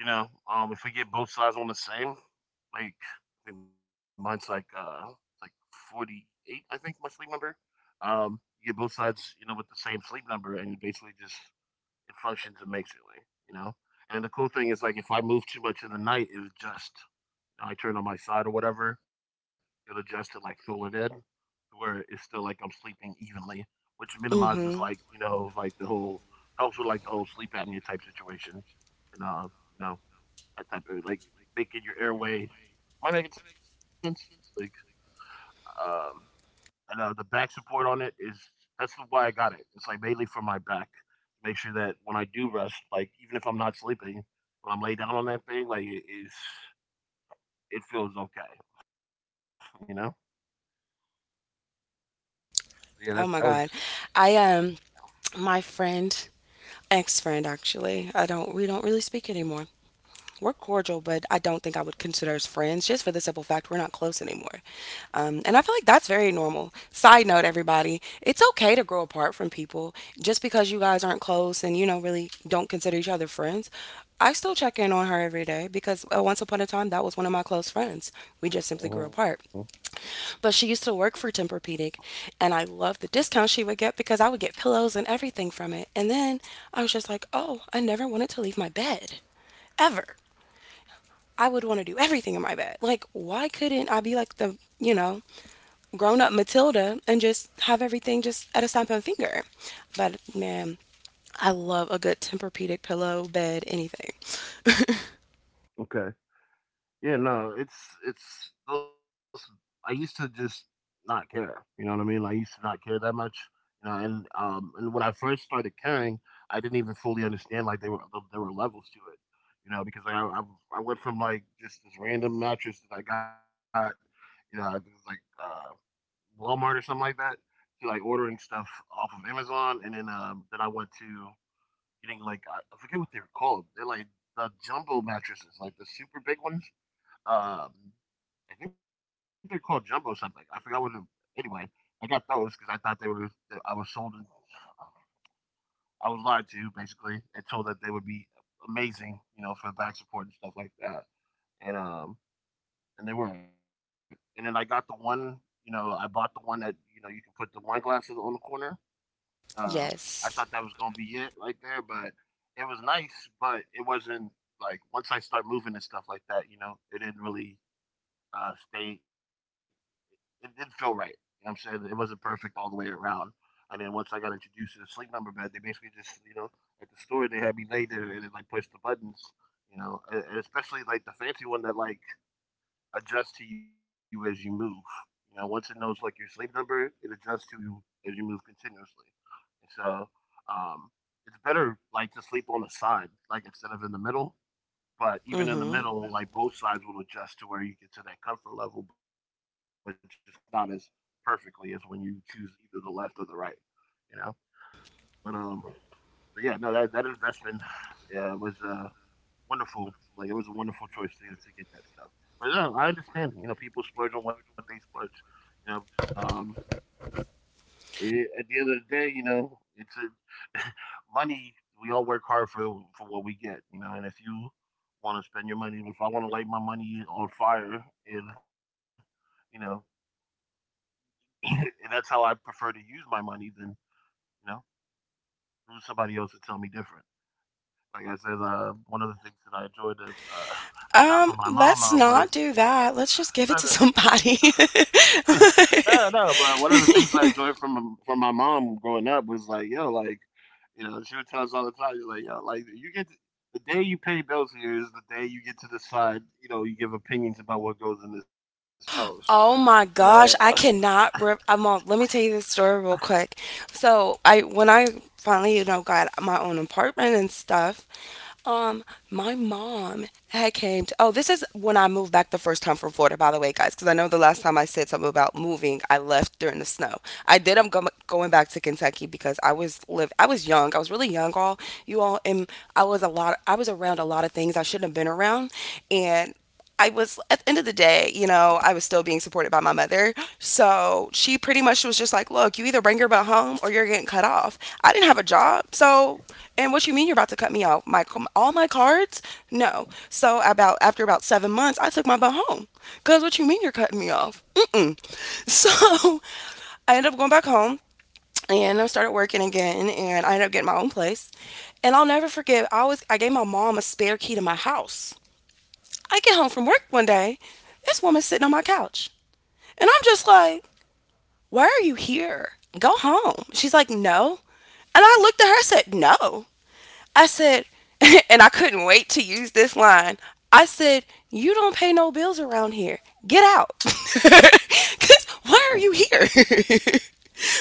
A: you know, if we get both sides on the same, like I think mine's like 48, I think my sleep number. Um, you get both sides, you know, with the same sleep number, and you basically just it functions amazingly, you know. And the cool thing is like if I move too much in the night, it just I turn on my side or whatever, it'll adjust to like fill it in to where it's still like I'm sleeping evenly, which minimizes like
B: Mm-hmm.
A: you know like the whole. Helps with like the whole sleep apnea type situation, and you know that type of like making your airway. Am I making sense? Like, um, and The back support on it is that's why I got it. It's like mainly for my back. Make sure that when I do rest, like even if I'm not sleeping, when I'm laid down on that thing, like it feels okay. You know? So, yeah, that's that was.
B: Oh my God. I my friend, ex-friend actually. I don't we don't really speak anymore. We're cordial, but I don't think I would consider us friends just for the simple fact we're not close anymore. And I feel like that's very normal. Side note, everybody, it's okay to grow apart from people just because you guys aren't close and, you know, really don't consider each other friends. I still check in on her every day because once upon a time that was one of my close friends. We just simply
A: Mhm.
B: grew apart. But she used to work for Tempur-Pedic, and I loved the discount she would get because I would get pillows and everything from it. And then I was just like, "Oh, I never wanted to leave my bed ever." I would want to do everything in my bed. Like, why couldn't I be like the, you know, grown up Matilda and just have everything just at a snap of a finger? But man, I love a good Tempur-Pedic pillow, bed, anything.
A: Okay. Yeah, no, it's those. I used to just not care. You know what I mean? Like, I used to not care that much. You know, and when I first started caring, I didn't even fully understand like there were levels to it. You know, because like, I went from like just this random mattress that I got, you know, I think it was like Walmart or something like that, to like ordering stuff off of Amazon, and then I went to getting like I forget what they were called. They're like the jumbo mattresses, like the super big ones. Um, I think they're called jumbo something. I forgot what. Anyway, I got those because I thought they were. I was sold. I was lied to basically and told that they would be amazing, you know, for back support and stuff like that. And um, and they weren't. And then I got the one, you know, I bought the one that you know you can put the wine glasses on the corner. Uh,
B: yes.
A: I thought that was gonna be it right there, but it was nice, but it wasn't like once I start moving and stuff like that, you know, it didn't really stay it did feel right. You know what I'm saying? It wasn't perfect all the way around. And then once I got introduced to the sleep number bed, they basically just, you know, at the store, they had me lay there and then, like, push the buttons, you know, and especially, like, the fancy one that, like, adjusts to you as you move. You know, once it knows, like, your sleep number, it adjusts to you as you move continuously. And so, um, it's better, like, to sleep on the side, like, instead of in the middle
B: Mm-hmm.
A: but even in the middle, like both sides will adjust to where you get to that comfort level, but just not as perfectly as when you choose either the left or the right, you know? But um but yeah, no, that investment was wonderful. Like it was a wonderful choice to get that stuff. But no, I understand, you know, people splurge on what they splurge. You know, um at the end of the day, you know, it's a money. We all work hard for what we get, you know. And if you want to spend your money. If I want to light my money on fire, and you know, and that's how I prefer to use my money, then you know, who's somebody else to tell me different? Like I said, one of the things that I enjoyed that I got from my
B: Let's
A: mama
B: not
A: was.
B: do that. Let's just give it to somebody.
A: No, no, no, but one of the things I enjoyed from my mom growing up was like, yo, like you know, she would tell us all the time, like, yo, like the day you pay bills here is the day you get to decide, you know, you give opinions about what goes in this house.
B: Oh
A: But
B: my gosh, I cannot. I'm on. Let me tell you this story real quick. So when I finally, you know, got my own apartment and stuff, um, my mom had came to, oh, this is when I moved back the first time from Florida, by the way, guys, because I know the last time I said something about moving, I left during the snow. I'm going back to Kentucky because I was young, I was really young, all you all, and I was around a lot of things I shouldn't have been around, and I was at the end of the day, I was still being supported by my mother. So she pretty much was just like, look, you either bring your butt home or you're getting cut off. I didn't have a job. So and what you mean you're about to cut me off? My all my cards? No. So about after about 7 months, I took my butt home. Cause what you mean you're cutting me off? Mm-mm. So I ended up going back home, and I started working again, and I ended up getting my own place. And I'll never forget, I gave my mom a spare key to my house. I get home from work one day, this woman's sitting on my couch. And I'm just like, why are you here? Go home. She's like, no. And I looked at her and said, no. I said, and I couldn't wait to use this line. I said, you don't pay no bills around here. Get out. 'Cause why are you here?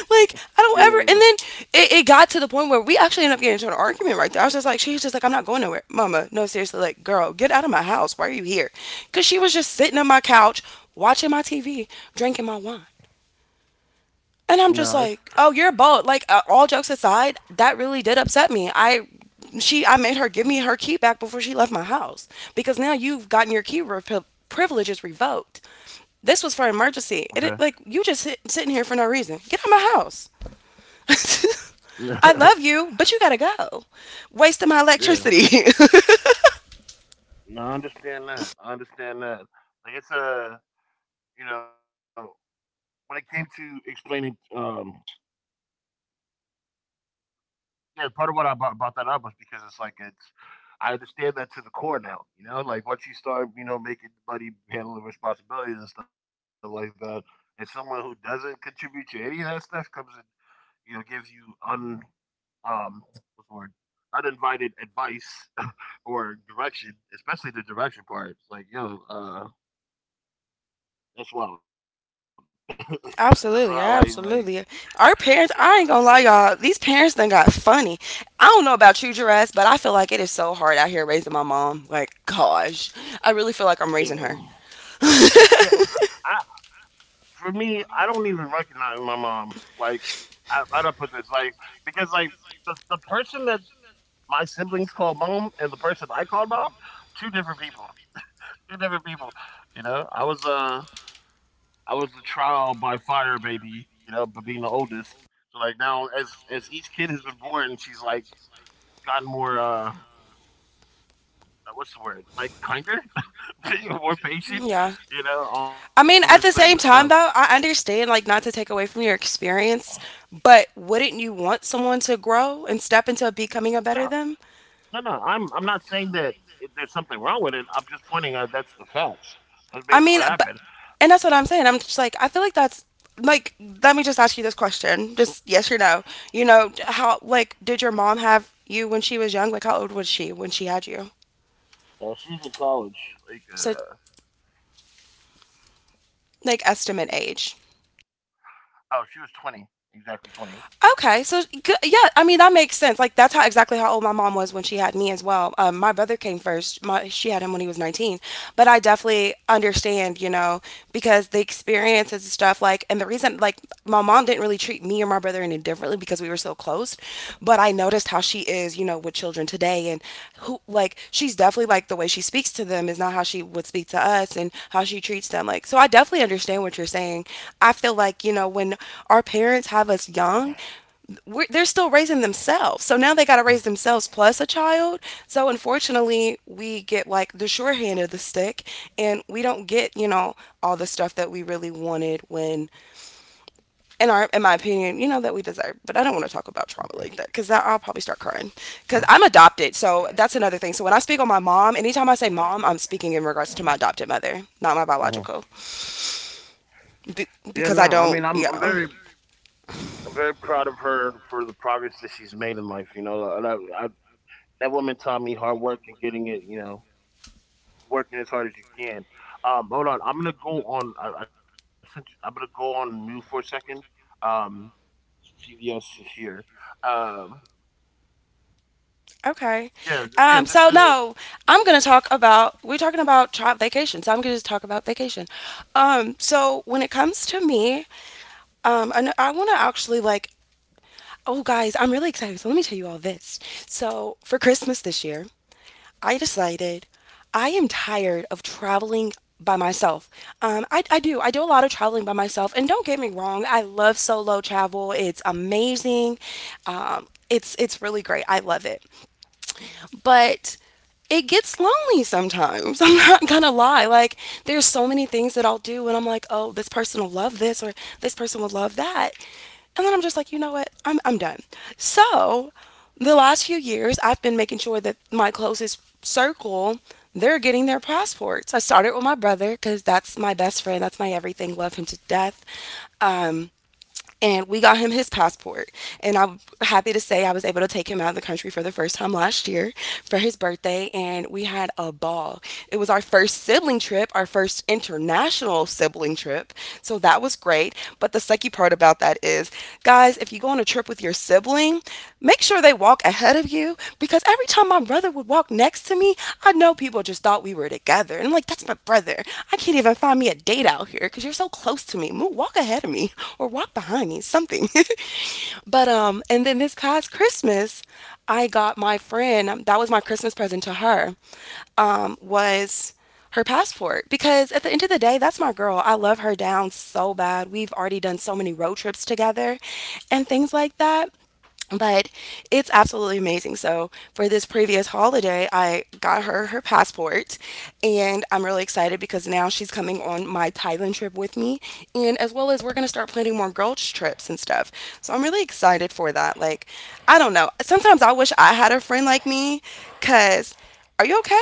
B: Like, I
A: yeah,
B: don't ever. And then it got to the point where we actually ended up getting into an argument right there. I was just like, she's just like, I'm not going nowhere. Mama, no, seriously. Like, girl, get out of my house. Why are you here? Because she was just sitting on my couch, watching my TV, drinking my wine.
A: no,
B: And I'm
A: it's
B: just like, oh, you're bold. Like, all jokes aside, that really did upset me. I made her give me her key back before she left my house because now you've gotten your privileges revoked. This was for
A: okay.
B: emergency. It like you just sit, sitting here for no reason. Get out of my house.
A: Yeah,
B: I love you, but you gotta go. Wasting my electricity.
A: no, I understand that. I understand that. Like it's a you know when it came to explaining, yeah, part of what I brought that up was because it's like it's. I understand that to the core now. You know, like once you start, you know, making money, handling responsibilities and stuff like that, and someone who doesn't contribute to any of that stuff comes and you know gives you un um what's the word uninvited advice or direction, especially the direction part. It's like, yo, that's wild. that's not like like
B: Absolutely, absolutely. Our parents,
A: yeah,
B: I ain't gonna lie, y'all. These parents done got funny. I don't know about you, Jerez, but I feel like it is so hard out here raising my mom. Like, gosh, I really feel like I'm raising
A: yeah,
B: her.
A: yeah. Yeah, I for me, I don't even recognize my mom. Like, how do I don't put this like because like the person that my siblings call mom and the person I call mom, two different people, two different people. You know, I was the trial by fire baby. You know, but being the oldest. So like now, as each kid has been born, she's like gotten more what's the word? Like kinder, more
B: Yeah.
A: patient, you know, all
B: I
A: that
B: mean,
A: type
B: at
A: of
B: the
A: stuff.
B: same time, though, I understand, like, not to take away from your experience, but wouldn't you want someone to grow and step into becoming a
A: No,
B: better them?
A: no, No. I'm not saying that there's something wrong with it. I'm just pointing out that's the facts. That's
B: I
A: basically
B: mean,
A: what
B: but
A: happened.
B: and that's what I'm saying. I'm just like I feel like that's like let me just ask you this question. Just yes or no. You know, how like did your mom have you when she was young? Like how old was she when she had you?
A: She was in college, like
B: So like estimate age.
A: oh, she was 20, exactly 20.
B: Okay, so good. Yeah, I mean that makes sense. Like that's how exactly how old my mom was when she had me as well. My brother came first. My, she had him when he was 19, but I definitely understand, you know, because the experiences and stuff. Like, and the reason, like, my mom didn't really treat me or my brother any differently because we were so close. But I noticed how she is, you know, with children today and who like she's definitely like the way she speaks to them is not how she would speak to us and how she treats them. Like so I definitely understand what you're saying. I feel like, you know, when our parents have us young, they're still raising themselves. So now they got to raise themselves plus a child. So unfortunately, we get like the short hand of the stick and we don't get, you know, all the stuff that we really wanted when in my opinion, you know that we deserve. But I don't want to talk about trauma like that because I'll probably start crying because I'm adopted. So that's another thing. So when I speak on my mom, anytime I say mom, I'm speaking in regards to my adopted mother, not my
A: Hmm.
B: biological.
A: Yeah,
B: Be-
A: no. I mean,
B: because I
A: I'm I'm
B: don't.
A: very
B: Yeah.
A: I'm very proud of her for the progress that she's made in life. You know, that woman taught me hard work and getting it. You know, working as hard as you can. Hold on, I'm gonna go on. I sent you- I'm gonna go on mute for a second. Um, CVS is here. Um,
B: Okay.
A: yeah, yeah, just
B: So no, I'm gonna talk about we're talking about child vacation. So I'm gonna just talk about vacation. So when it comes to me, and I want to actually like. Oh guys, I'm really excited. So let me tell you all this. So for Christmas this year, I decided I am tired of traveling by myself. I do a lot of traveling by myself. And don't get me wrong, I love solo travel. It's amazing. It's it's really great. I love it. But it gets lonely sometimes. I'm not gonna lie. Like there's so many things that I'll do and I'm like, oh, this person will love this or this person will love that. And then I'm just like, you know what? I'm done. So the last few years, I've been making sure that my closest circle, they're getting their passports. I started with my brother because that's my best friend. That's my everything. Love him to death. Um, and we got him his passport. And I'm happy to say I was able to take him out of the country for the first time last year for his birthday, and we had a ball. It was our first sibling trip, our first international sibling trip. So that was great. But the sucky part about that is, guys, if you go on a trip with your sibling, make sure they walk ahead of you because every time my brother would walk next to me, I know people just thought we were together. And I'm like, that's my brother. I can't even find me a date out here because you're so close to me. Move, walk ahead of me or walk behind me, something. But and then this past Christmas, I got my friend. That was my Christmas present to her. Was her passport because at the end of the day, that's my girl. I love her down so bad. We've already done so many road trips together, and things like that, but it's absolutely amazing. So, for this previous holiday, I got her her passport, and I'm really excited because now she's coming on my Thailand trip with me, and as well as we're going to start planning more girls' trips and stuff. So, I'm really excited for that. Like, I don't know. Sometimes I wish I had a friend like me because are you okay?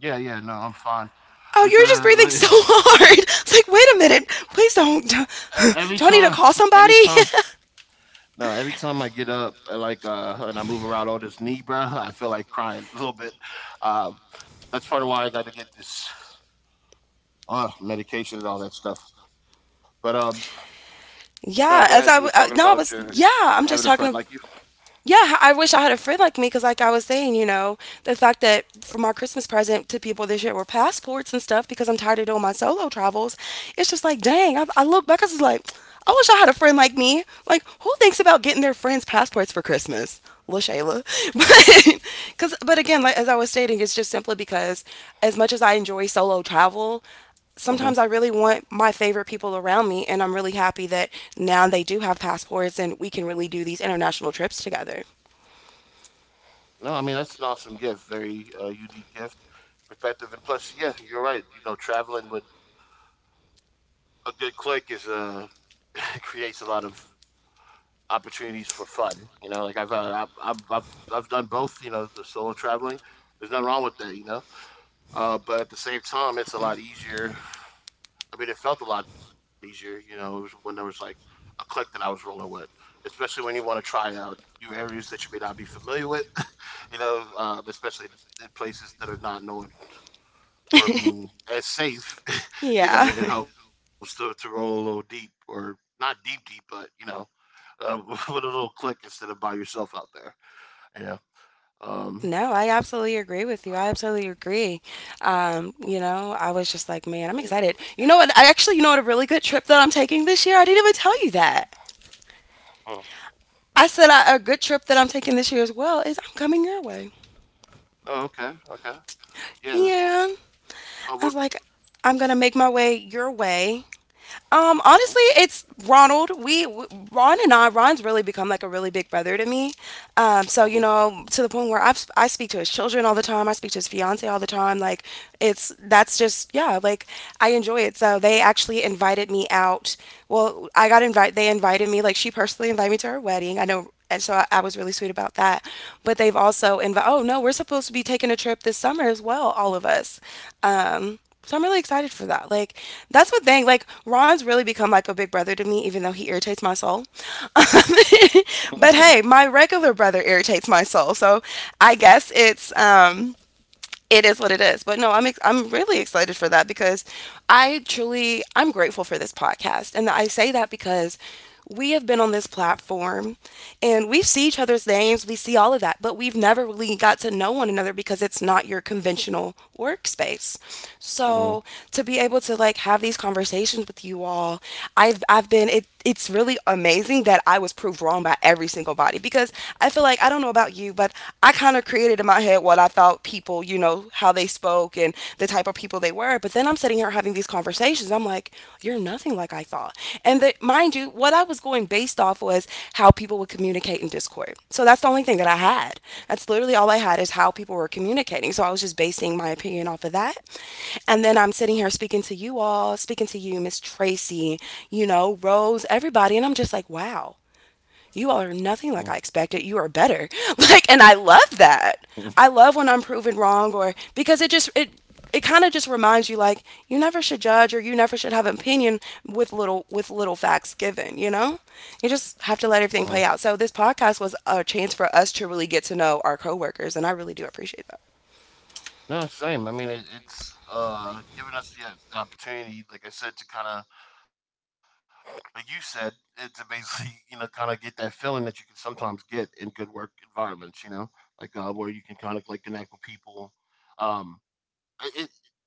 A: yeah, yeah. No, I'm fine.
B: Oh, you
A: It's
B: were just breathing
A: like,
B: so hard. It's like, wait a minute, please don't. Don't,
A: every time,
B: do I need to
A: every
B: call
A: time,
B: somebody?
A: no, every time I get up, and I move around all this knee, bruh, I feel like crying a little bit. Uh, that's part of why I got to get this medication and all that stuff. But No, go ahead. You were
B: Yeah,
A: talking
B: as I, w-
A: about your
B: no, I was, yeah,
A: having a
B: I'm
A: friend
B: just
A: like you.
B: talking. Yeah, I wish I had a friend like me because, like I was saying, you know, the fact that for my Christmas present to people this year were passports and stuff because I'm tired of doing my solo travels. It's just like, dang, I look back, I was like, I wish I had a friend like me. Like, who thinks about getting their friends' passports for Christmas? Lil Shayla. But, but again, like, as I was stating, it's just simply because as much as I enjoy solo travel, sometimes
A: Hmm.
B: I really want my favorite people around me. And I'm really happy that now they do have passports and we can really do these international trips together.
A: No, I mean that's an awesome gift, very unique gift, perspective, and plus, yeah, you're right. You know, traveling with a good click is creates a lot of opportunities for fun. You know, like I've done both. You know, the solo traveling. There's nothing wrong with that. You know, but at the same time, it's a lot easier I mean, it felt a lot easier, you know, it was when there was like a click that I was rolling with, especially when you want to try out new areas that you may not be familiar with, you know, especially in places that are not known for being as safe, you know,
B: Yeah.
A: it helps to roll a little deep or not deep, deep, but, you know, with a little click instead of by yourself out there, yeah. Um,
B: No, I absolutely agree with you. I absolutely agree. You know, I was just like, man, I'm excited. You
A: yeah,
B: know what? A really good trip that I'm taking this year? I didn't even tell you that.
A: oh,
B: I said a good trip that I'm taking this year as well is I'm coming your way.
A: oh, okay, okay. Yeah.
B: Yeah.
A: Oh,
B: I was
A: what?
B: like, I'm going to make my way your way.
A: Uh-huh,
B: Honestly, it's Ronald. Ron and I. Ron's really become like a really big brother to me. So
A: uh-huh.
B: you know, to the point where I speak to his children all the time. I speak to his fiance all the time. Like, it's that's just yeah. Like, I enjoy it. So they actually invited me out. Well, I got invited. They invited me. Like, she personally invited me to her wedding. I know and so I was really sweet about that. But they've also invited. Oh no, we're supposed to be taking a trip this summer as well, all of us. Um, so I'm really excited for that. Like that's what thing. Like Ron's really become like a big brother to me, even though he irritates my soul. Um, but hey, my regular brother irritates my soul. So I guess it's it is what it is. But no, I'm really excited for that because I'm grateful for this podcast, and I say that because we have been on this platform and we see each other's names, we see all of that, but we've never really got to know one another because it's not your conventional workspace.
A: Uh-huh.
B: So to be able to like have these conversations with you all, I've been it it's really amazing that I was proved wrong by every single body because I feel like I don't know about you, but I kind of created in my head what I thought people, how they spoke and the type of people they were. But then I'm sitting here having these conversations. I'm like, you're nothing like I thought. And that, mind you, what I was homeschooling based off was how people would communicate in Discord. So that's the only thing that I
A: Uh-huh.
B: had. That's literally all I had is how people were communicating. So I was just basing my opinion off of that. And then I'm sitting here speaking to you all, speaking to you, Miss Tracy, you know, Rose, everybody. And I'm just like, wow, you all are nothing like I expected. You are better. Like, and I
A: Mhm,
B: love that. I love when I'm proven wrong or because it kind of just reminds you like you never should judge or you never should have an opinion with little facts given, you know, you just have
A: mhm.
B: to let everything play out. So this podcast was a chance for us to really get to know our coworkers, and I really do appreciate that.
A: No, same. I mean, it's giving us the opportunity, like I said, to kind of, like you said, to basically, you know, kind of get that feeling that you can sometimes get in good work environments, you know, like where you can kind of like connect with people. Um, it, it,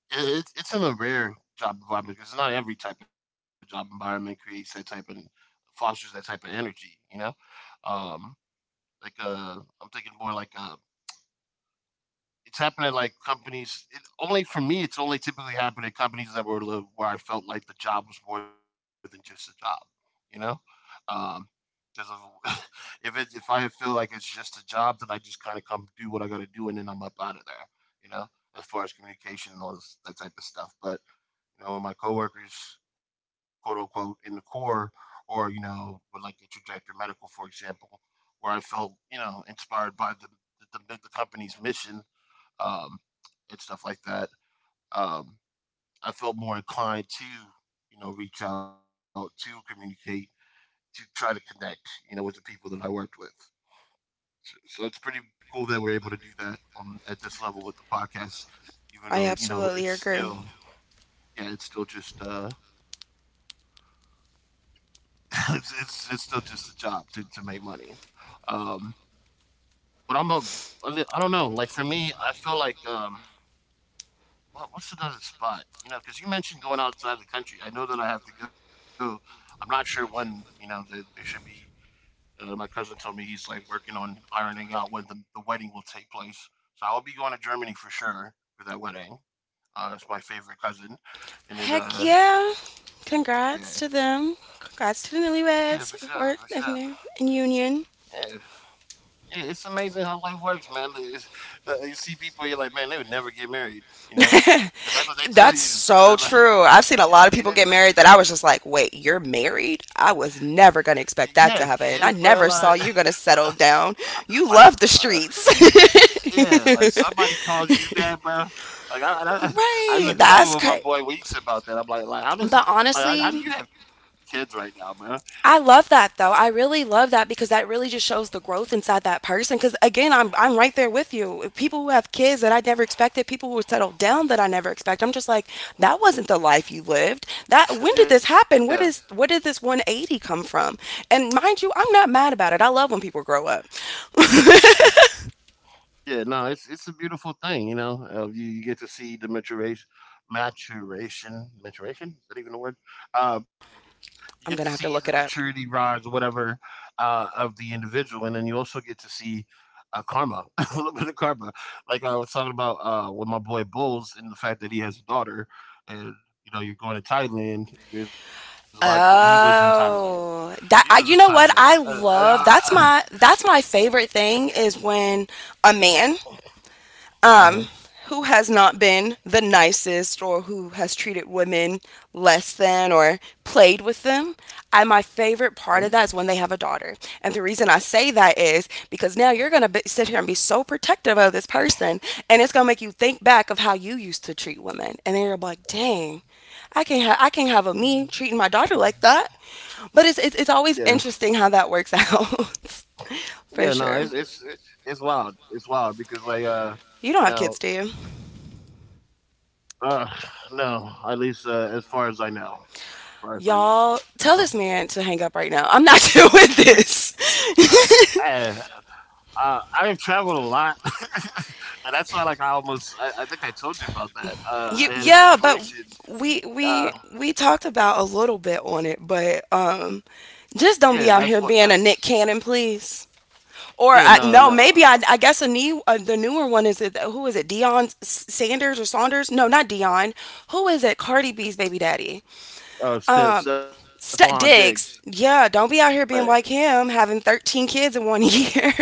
A: it's in a rare job environment because not every type of job environment creates that type of fosters that type of energy, you know. Um, like uh, I'm thinking more like it's happened at like companies. It only for me, it's only typically happened at companies that were where I felt like the job was more than just a job, you know. Um, because if if it if I feel like it's just a job, then I just kind of come do what I got to do, and then I'm up out of there, you know. As far as communication and all this, that type of stuff. But you know, when my coworkers, quote unquote, in the core, or you know, with like the trajectory medical, for example, where I felt you know inspired by the company's mission, um, and stuff like that. Um, I felt more inclined to, you know, reach out to communicate, to try to connect, you know, with the people that I worked with. So it's pretty cool that we're able to do that on at this level with the podcast, even though
B: I
A: you know it's
B: absolutely agree.
A: still. Yeah, it's still just it's still just a job to make money. Um, but I'm a, I don't know. Like for me, I feel like well, what's another spot? You know, because you mentioned going outside the country. I know that I have to go. I'm not sure when. You know, that there should be. My cousin told me he's like working on ironing out when the wedding will take place. So I'll be going to Germany for sure for that wedding. It's my favorite cousin, and then
B: Heck yeah,
A: yeah.
B: congrats to them, congrats to
A: Yeah,
B: the
A: for sure, for
B: newlyweds
A: sure.
B: or in their in
A: Yeah,
B: union.
A: yeah, it's amazing how life works, man. It's you see people, you're like, man, they would never get married. You know, That- that's what they tell you,
B: That's
A: and then
B: so
A: like,
B: true. I've seen a lot of
A: and then
B: people get married that I was just like, wait, you're married? I was
A: Y-
B: never
A: you
B: going to
A: had
B: expect that
A: kids,
B: to
A: bro.
B: happen. I
A: Like,
B: never saw you going to settle down.
A: like,
B: You
A: uh,
B: love the streets.
A: yeah, like somebody calls you that, bro. Like, I even
B: Right.
A: joked with
B: That's
A: my
B: crazy.
A: boy Weeks about that. I'm like,
B: But
A: how do
B: honestly,
A: you have kids right now, man?
B: I love that though. I really love that because that really just shows the growth inside that person. Because again, I'm right there with you. People who have kids that I never expected, people who settled down that I never expect. I'm just like, that wasn't the life you lived. That when did
A: Yeah.
B: this happen? Where did this 180 come from? And mind you, I'm not mad about it. I love when people grow up.
A: Uh huh. Yeah, no, it's a beautiful thing, you know. You get to see the maturation, maturation, maturation. Is that even a word? Uh, you get to see the
B: I'm gonna have to
A: maturity
B: look it up.
A: rise or whatever of the individual, and then you also get to see karma, a little bit of karma. Like I was talking about with my boy Bulls, and the fact that he has a daughter, and you know, you're going to Thailand. There's a lot. He was in Thailand. He was in
B: Oh, that I,
A: Thailand.
B: you know what I love. That's my favorite thing is when a man, um, who has not been the nicest or who has treated women less than or played with them. And my
A: Mhm.
B: favorite part of that is when they have a daughter. And the reason I say that is because now you're going to sit here and be so protective of this person. And it's going to make you think back of how you used to treat women. And then you're like, dang. I can't have a me treating my daughter like that. But
A: Yeah.
B: it's always interesting how that works out,
A: Yeah, no,
B: for
A: it's
B: sure.
A: it's wild. It's wild because like
B: You
A: you
B: don't have
A: know,
B: kids, do you?
A: uh, no, at least as far as I know, as far as I know.
B: Y'all, tell this man to hang up right now. I'm not doing this.
A: uh, I I've traveled a lot, and that's why like I almost I think I told you about that. I had
B: You,
A: a
B: yeah, but
A: situation.
B: we
A: Uh,
B: we we talked about a little bit on it, but
A: yeah,
B: just
A: that's
B: don't
A: what
B: be out here
A: that's,
B: being a Nick Cannon, please.
A: yeah,
B: Or
A: no,
B: I,
A: no.
B: no, maybe I guess a new, the newer one is it who is it Dion Sanders or Saunders? No, not Dion. Who is it? Cardi B's baby daddy. Um,
A: Stephon Diggs,
B: Diggs. Yeah, don't
A: but
B: be out here being like him, having 13 kids in one year.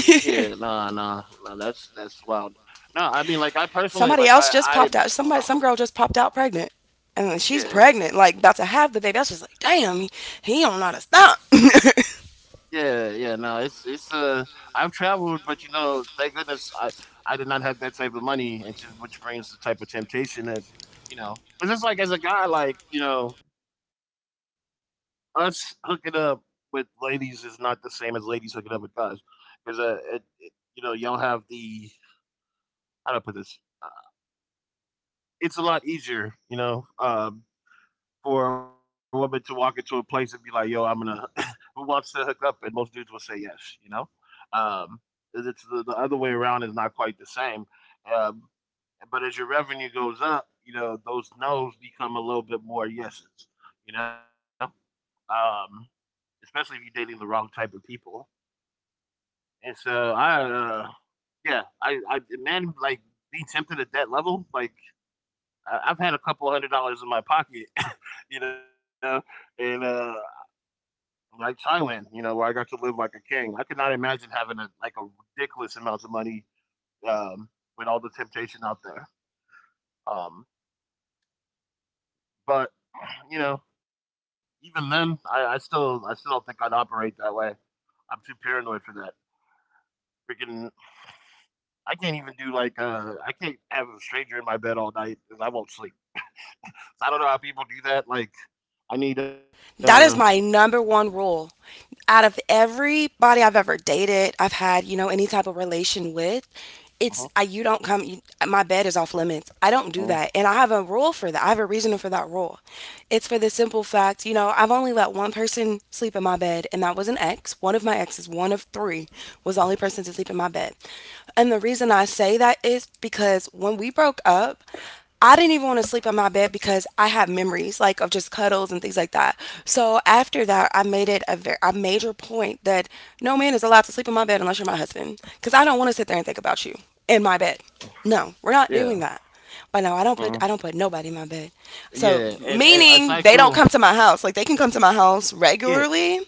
A: yeah, no, no, no, that's that's wild. No, I mean like I personally
B: Somebody
A: like
B: else
A: I
B: just
A: I.
B: popped out. Somebody,
A: Uh,
B: some girl just popped out pregnant, and she's
A: yeah.
B: pregnant, like about to have the baby. I was just like, damn, he don't know how to stop.
A: Yeah, yeah, no, it's I've traveled, but you know, thank goodness I did not have that type of money and to, which brings the type of temptation that, you know. But just like as a guy, like, you know, us hooking up with ladies is not the same as ladies hooking up with guys. Because uh it, it, you know, y'all have the, how do I put this? Uh, it's a lot easier, you know. For a woman to walk into a place and be like, "Yo, I'm gonna," who wants to hook up? And most dudes will say yes. You know, um, it's the other way around is not quite the same. Um, but as your revenue goes up, you know those no's become a little bit more yeses. You know, um, especially if you're dating the wrong type of people. And so I, uh, yeah, I man, like, being tempted at that level, like, I- I've had a couple hundred dollars in my pocket, you know, and like Thailand, you know, where I got to live like a king. I could not imagine having a like a ridiculous amount of money, um, with all the temptation out there. Um, but you know, even then, I still don't think I'd operate that way. I'm too paranoid for that. Freaking, I can't even do like I can't have a stranger in my bed all night, and I won't sleep. So, I don't know how people do that. Like, I need
B: That is my number one rule. Out of everybody I've ever dated, I've had, you know, any type of relation with,
A: uh-huh.
B: you don't come you, my bed is off limits. I don't do
A: uh,
B: that. And I have a rule for that. I have a reason for that rule. It's for the simple fact, you know, I've only let one person sleep in my bed, and that was an ex. One of my exes, one of three was the only person to sleep in my bed. And the reason I say that is because when we broke up, I didn't even want to sleep on my bed because I had memories like of just cuddles and things like that. So after that, I made it a very a major point that no man is allowed to sleep in my bed unless you're my husband, because I don't want to sit there and think about you in my bed. No, we're not doing
A: yeah.
B: that. But no,
A: uh
B: I don't put nobody in my bed. So
A: yeah, and as
B: meaning
A: I
B: they don't
A: grew,
B: come to my house. Like they can come to my
A: yeah.
B: house regularly,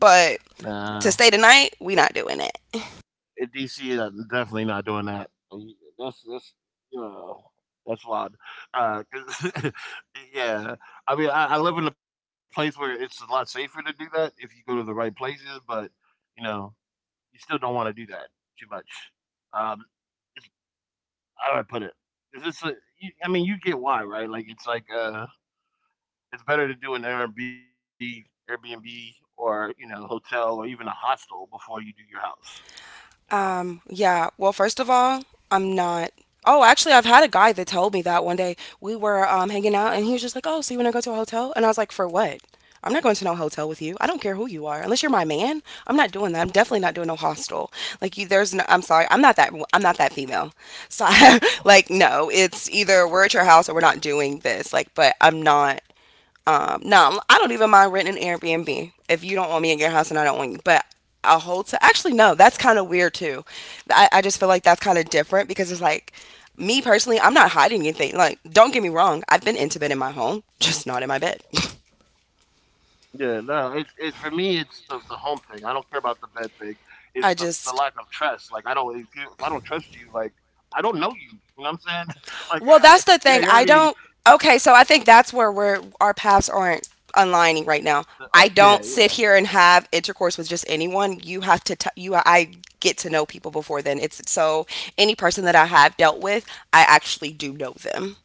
B: but
A: Nah,
B: to stay the night, we not doing it.
A: in DC, definitely not doing that. That's, you know, that's wild. 'Cause- yeah, I mean, I live in a place where it's a lot safer to do that if you go to the right places, but you know, you still don't want to do that too much. Um, it's, how do I put it? Is this a, you, I mean, you get why, right? Like it's better to do an Airbnb, Airbnb, or you know, hotel, or even a hostel before you do your house. You know.
B: Yeah. Well, first of all, I'm not. Oh, actually, I've had a guy that told me that one day we were, hanging out, and he was just like, "Oh, so you want to go to a hotel?" And I was like, "For what? I'm not going to no hotel with you. I don't care who you are, unless you're my man. I'm not doing that. I'm definitely not doing no hostel. Like, you, there's no. I'm sorry. I'm not that female. So, like, no. It's either we're at your house or we're not doing this. Like, but I'm not. No, I don't even mind renting an Airbnb if you don't want me in your house and I don't want you. But a hotel, actually, no, that's kind of weird too. I just feel like that's kind of different because it's like me personally, I'm not hiding anything. Like, don't get me wrong, I've been intimate in my home, just not in my bed.
A: Yeah, no, it's for me, it's the home thing. I don't care about the bed thing.
B: I
A: It's
B: just.
A: the lack of trust. Like I don't, if you, if I don't trust you, like I don't know you. You know what I'm saying?
B: Well,
A: Like
B: that's the thing. I
A: yeah, you're
B: don't.
A: already
B: Okay, so I think that's where we're our paths aren't aligning right now.
A: uh,
B: I
A: yeah,
B: don't sit
A: yeah,
B: here and have intercourse with just anyone. You have to. T- you. I get to know people before then. It's so any person that I have dealt with, I actually do know them.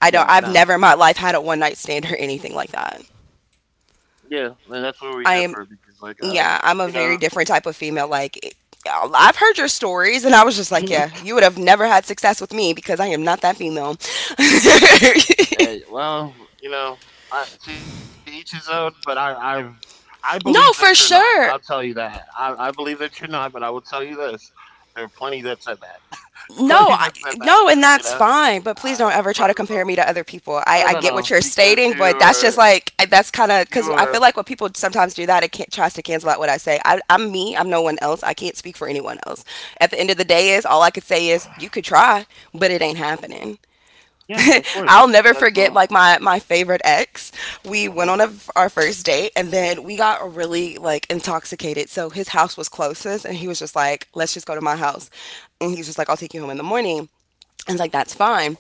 B: I don't. I've never in
A: yeah.
B: my life
A: Nah,
B: had a one night stand or anything like that.
A: yeah, and that's where we
B: I am.
A: differ because like
B: Yeah, I'm a
A: you
B: very
A: know,
B: different type of female. Like. It- I've heard your stories, and I was just like, yeah, you would have never had success with me because I am not that female.
A: eh, well, you know, I, to each his own. But I
B: No,
A: believe that
B: for
A: you're not.
B: sure.
A: I'll tell you that. I believe that you're not. But I will tell you this: there are plenty that said that.
B: No, I,
A: Plenty that said
B: no, and
A: that.
B: that's
A: You know
B: fine. But please don't ever try
A: I
B: to compare me to other
A: but
B: people. I get what you're
A: no, no, no,
B: stating, but
A: because
B: that's
A: you
B: just like
A: are,
B: that's kind
A: you
B: of because
A: are,
B: I feel like what people sometimes do that it can tries to cancel out what I say. I'm me. I'm no one else. I can't speak for anyone else. At the end of the day, is all I could say is you could try, but it ain't happening.
A: yeah, of
B: I'll never
A: course,
B: forget like
A: that's a,
B: my favorite ex. We went on
A: uh-huh.
B: our first date, and then we got really like intoxicated. So his house was closest, and he was just like, "Let's just go to my house." And he's just like, "I'll take you home in the morning." I was like, that's fine.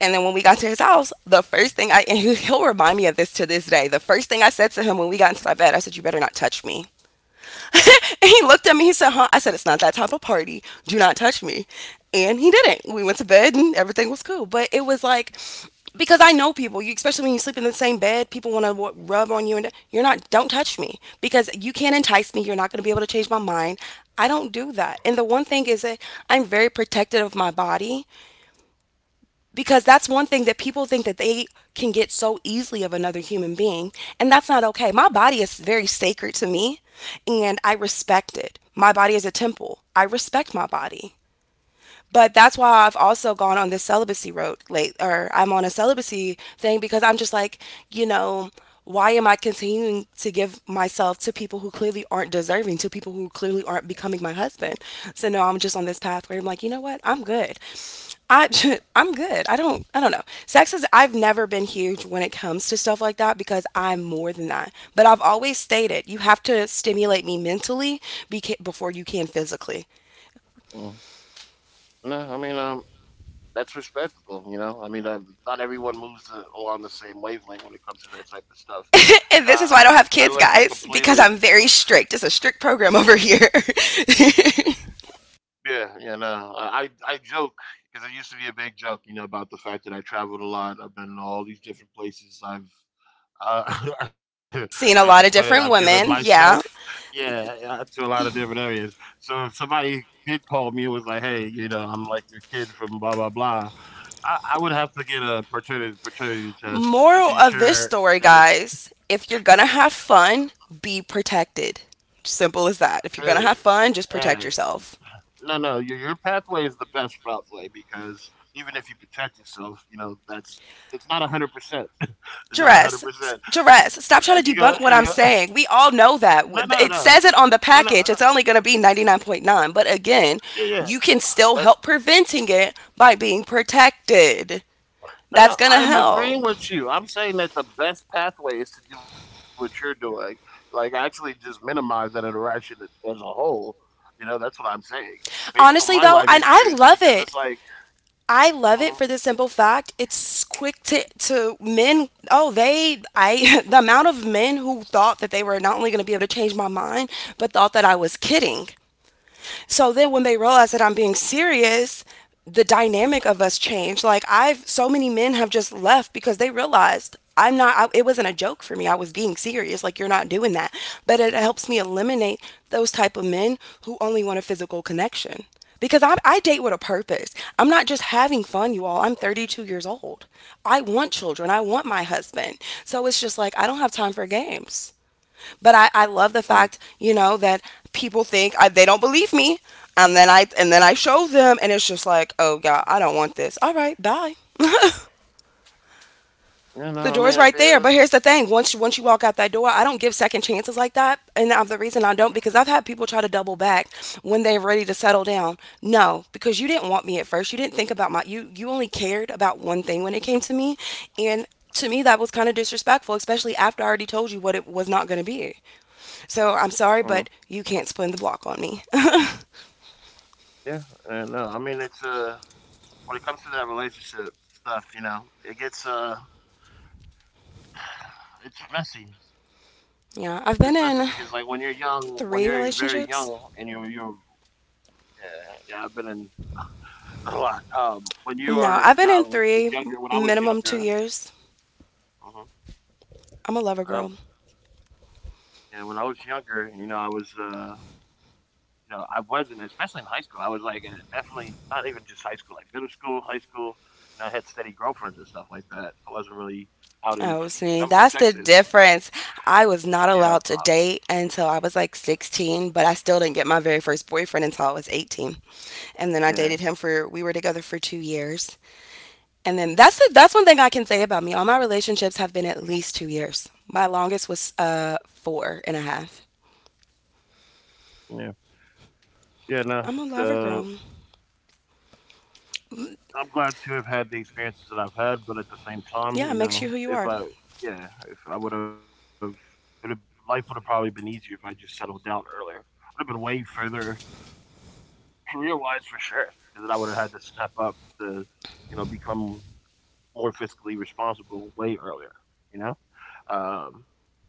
B: And then when we got to his house, the first thing I, and he'll remind me of this to this day, the first thing I said to him when we got into my bed, I said, you better not touch me. And he looked at me. He said, "Huh?" I said, "It's not that type of party. Do not touch me." And he didn't. We went to bed, and everything was cool. But it was like, because I know people, you especially when you sleep in the same bed, people want to rub on you, and you're not don't touch me, because you can't entice me. You're not going to be able to change my mind. I don't do that. And the one thing is that I'm very protective of my body, because that's one thing that people think that they can get so easily of another human being, and that's not okay. My body is very sacred to me, and I respect it. My body is a temple. I respect my body. But that's why I've also gone on this celibacy road late, or I'm on a celibacy thing, because I'm just like, you know, why am I continuing to give myself to people who clearly aren't deserving, to people who clearly aren't becoming my husband? So no, I'm just on this path where I'm like, you know what? I'm good. I I'm good. I don't know. Sex is I've never been huge when it comes to stuff like that because I'm more than that. But I've always stated you have to stimulate me mentally before you can physically.
A: Mm. No, I mean, that's respectable, you know, I mean not everyone moves along the same wavelength when it comes to that type of stuff.
B: And this
A: You
B: is
A: know,
B: why I
A: I
B: don't have
A: lived a
B: kids,
A: completely,
B: guys, because I'm very strict. It's a strict program over here.
A: yeah, yeah, no, I joke because it used to be a big joke, you know, about the fact that I traveled a lot, I've been to all these different places, I've Uh, as you
B: Seen
A: put
B: a
A: it,
B: lot of
A: I've given
B: different women.
A: myself,
B: Yeah.
A: yeah, yeah, to a lot of different areas. So if somebody did call me and was like, "Hey, you know, I'm like your kid from blah blah blah," I would have to get a paternity test just to
B: Moral
A: be
B: of this
A: sure
B: story,
A: that it's,
B: guys, if you're going to have fun, be protected. Simple as that.
A: hey,
B: If you're going to have fun, just
A: hey,
B: protect yourself.
A: no, no, your pathway is the best pathway because even if you protect yourself, you know that's it's not 100%, it's not a hundred
B: Jerez,
A: percent, and
B: Jerez, stop trying
A: you
B: to
A: go,
B: debunk what I'm saying. We all
A: no,
B: know
A: no,
B: that.
A: no,
B: It says
A: no, no,
B: it
A: no,
B: on the package. It's only going to be 99.9. But again,
A: yeah, yeah.
B: you can
A: That,
B: still help preventing it by being protected.
A: no,
B: That's
A: no,
B: going to
A: I'm agreeing
B: help.
A: with you. I'm saying that the best pathway is to do what you're doing, like actually just minimize that interaction as a whole. You know, that's what I'm saying, based on my
B: Honestly,
A: life
B: though, and
A: experience,
B: I
A: because
B: love
A: it's
B: it.
A: like,
B: I love
A: hmm.
B: it for the simple fact it's quick to men. Oh, they, I, the amount of men who thought that they were not only going to be able to change my mind, but thought that I was kidding. So then when they realize that I'm being serious, the dynamic of us changed. Like I've so many men have just left because they realized I'm not I, it wasn't a joke for me. I was being serious. Like you're not doing that. But it helps me eliminate those type of men who only want a physical connection. Because I date with a purpose. I'm not just having fun, you all. I'm 32 years old. I want children. I want my husband. So it's just like, I don't have time for games. But I
A: Mm.
B: love the fact, you know, that people think they don't believe me, and then I show them, and it's just like, oh God, I don't want this. All right, bye.
A: You
B: The
A: know, I mean,
B: door's
A: at
B: right
A: the end,
B: there.
A: of,
B: But here's the thing: once you walk out that door, I don't give second chances like that. And I'm the reason I don't because I've had people try to double back when they're ready to settle down. No, because you didn't want me at first. You didn't think about my you you only cared about one thing when it came to me, and to me that was kind of disrespectful, especially after I already told you what it was not going to be. So I'm
A: mm,
B: sorry, but you can't spin the block on me.
A: yeah, and no, I mean, it's when it comes to that relationship stuff, you know, it gets it's messy. It's messy because
B: Yeah,
A: like when
B: I've
A: you're
B: been in
A: young, when you're very
B: three
A: young, and you're
B: relationships.
A: you're yeah, yeah, I've been in a lot. When you are
B: No, I've been in
A: young,
B: three,
A: younger, when I was
B: minimum two
A: younger,
B: years.
A: uh-huh.
B: I'm a lover girl.
A: uh, yeah, when I was younger, you know, you know, I wasn't, especially in high school. I was like, definitely not even just high school, like middle school, high school. You know, I had steady girlfriends and stuff like that. I wasn't really out
B: Oh,
A: in these
B: see,
A: streets because
B: that's
A: I'm
B: the
A: from Texas.
B: difference. I was not
A: Yeah,
B: allowed to date until I was like 16, but I still didn't get my very first boyfriend until I was 18. And then I dated him
A: yeah,
B: for, we were together for 2 years. And then that's one thing I can say about me. All my relationships have been at least 2 years. My longest was four and a half.
A: yeah, yeah. No, it's
B: I'm a lover girl.
A: I'm glad to have had the experiences that I've had, but at the same time,
B: Yeah, it
A: you
B: makes you who
A: know,
B: you
A: if
B: are.
A: I, yeah, if I would have, it would life would have probably been easier if I just settled down earlier. I'd have been way further career wise for sure, because I would have had to step up to, you know, become more fiscally responsible way earlier. You know, um,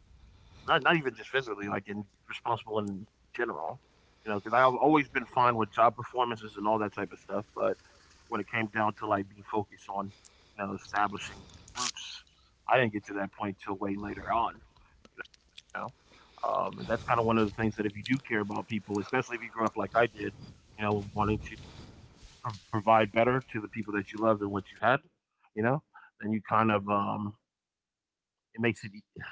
A: not not even just physically, like in, responsible in general. You know, because I've always been fine with job performances and all that type of stuff, but when it came down to like being focused on, you know, establishing roots. I didn't get to that point till way later on, you know. And that's kind of one of the things that if you do care about people, especially if you grew up like I did, you know, wanting to provide better to the people that you love than what you had, you know, then you kind of it makes it,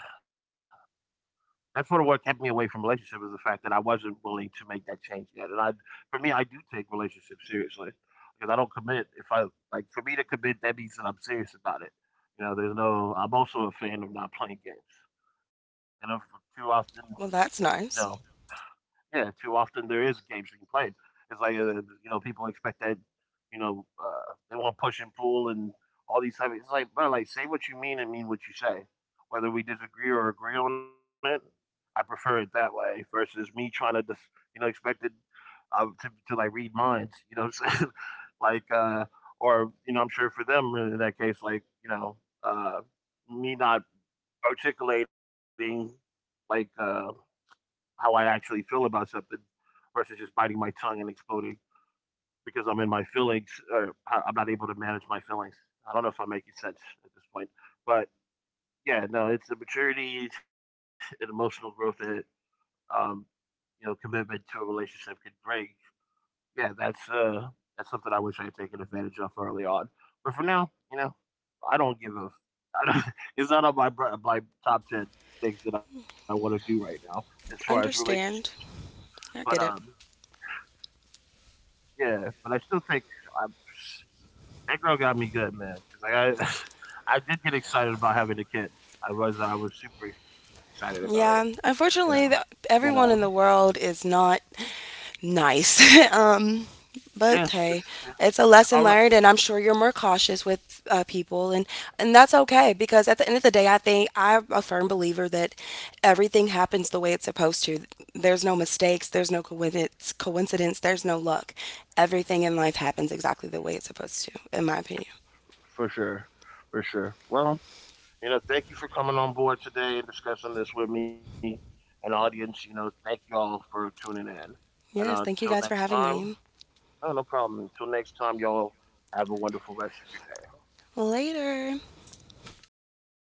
A: that's sort of what kept me away from relationship is the fact that I wasn't willing to make that change yet. For me, I do take relationships seriously because I don't commit. If I, like, for me to commit, that means that I'm serious about it. You know, there's no. I'm also a fan of not playing games, and if too often, you
B: Well, that's
A: know,
B: nice.
A: yeah, too often there is games being played. It's like you know, people expect that, you know, they want to push and pull and all these type. Of, it's like, bro, like say what you mean and mean what you say. Whether we disagree or agree on it, I prefer it that way versus me trying to just, you know, expected to like read minds. You know, what I'm saying? Like, or you know, I'm sure for them really in that case, like, you know, uh, me not articulating like how I actually feel about something versus just biting my tongue and exploding because I'm in my feelings, or I- am not able to manage my feelings. I don't know if I'm making sense at this point, but yeah, no, it's the maturity and emotional growth that, um, you know, commitment to a relationship can bring. Yeah, that's something I wish I had taken advantage of early on. But for now, you know, I don't give a. I don't, it's not on my my top ten things that I want to do right now as far as relationships.
B: Understand.
A: But
B: I get it.
A: yeah, but I still think I'm that girl got me good, man. 'Cause, like I, I did get excited about having a kid. I was super excited about it,
B: Yeah,
A: you know.
B: unfortunately,
A: But
B: everyone in the world is not nice. um,
A: yeah,
B: but
A: just
B: hey,
A: yeah.
B: it's a
A: All
B: lesson
A: right,
B: learned, and I'm sure you're more cautious with people, and that's okay because at the end of the day, I think I'm a firm believer that everything happens the way it's supposed to. There's no mistakes, there's no coincidence, there's no luck. Everything in life happens exactly the way it's supposed to, in my opinion.
A: for sure, for sure. Well, you know, thank you for coming on board today and discussing this with me and audience. You know, thank you all for tuning in. And
B: Yes,
A: until
B: thank you
A: next
B: guys for
A: time,
B: having me.
A: no, no problem. Until next time, y'all have a wonderful rest of your day.
B: Later.
A: Yeah.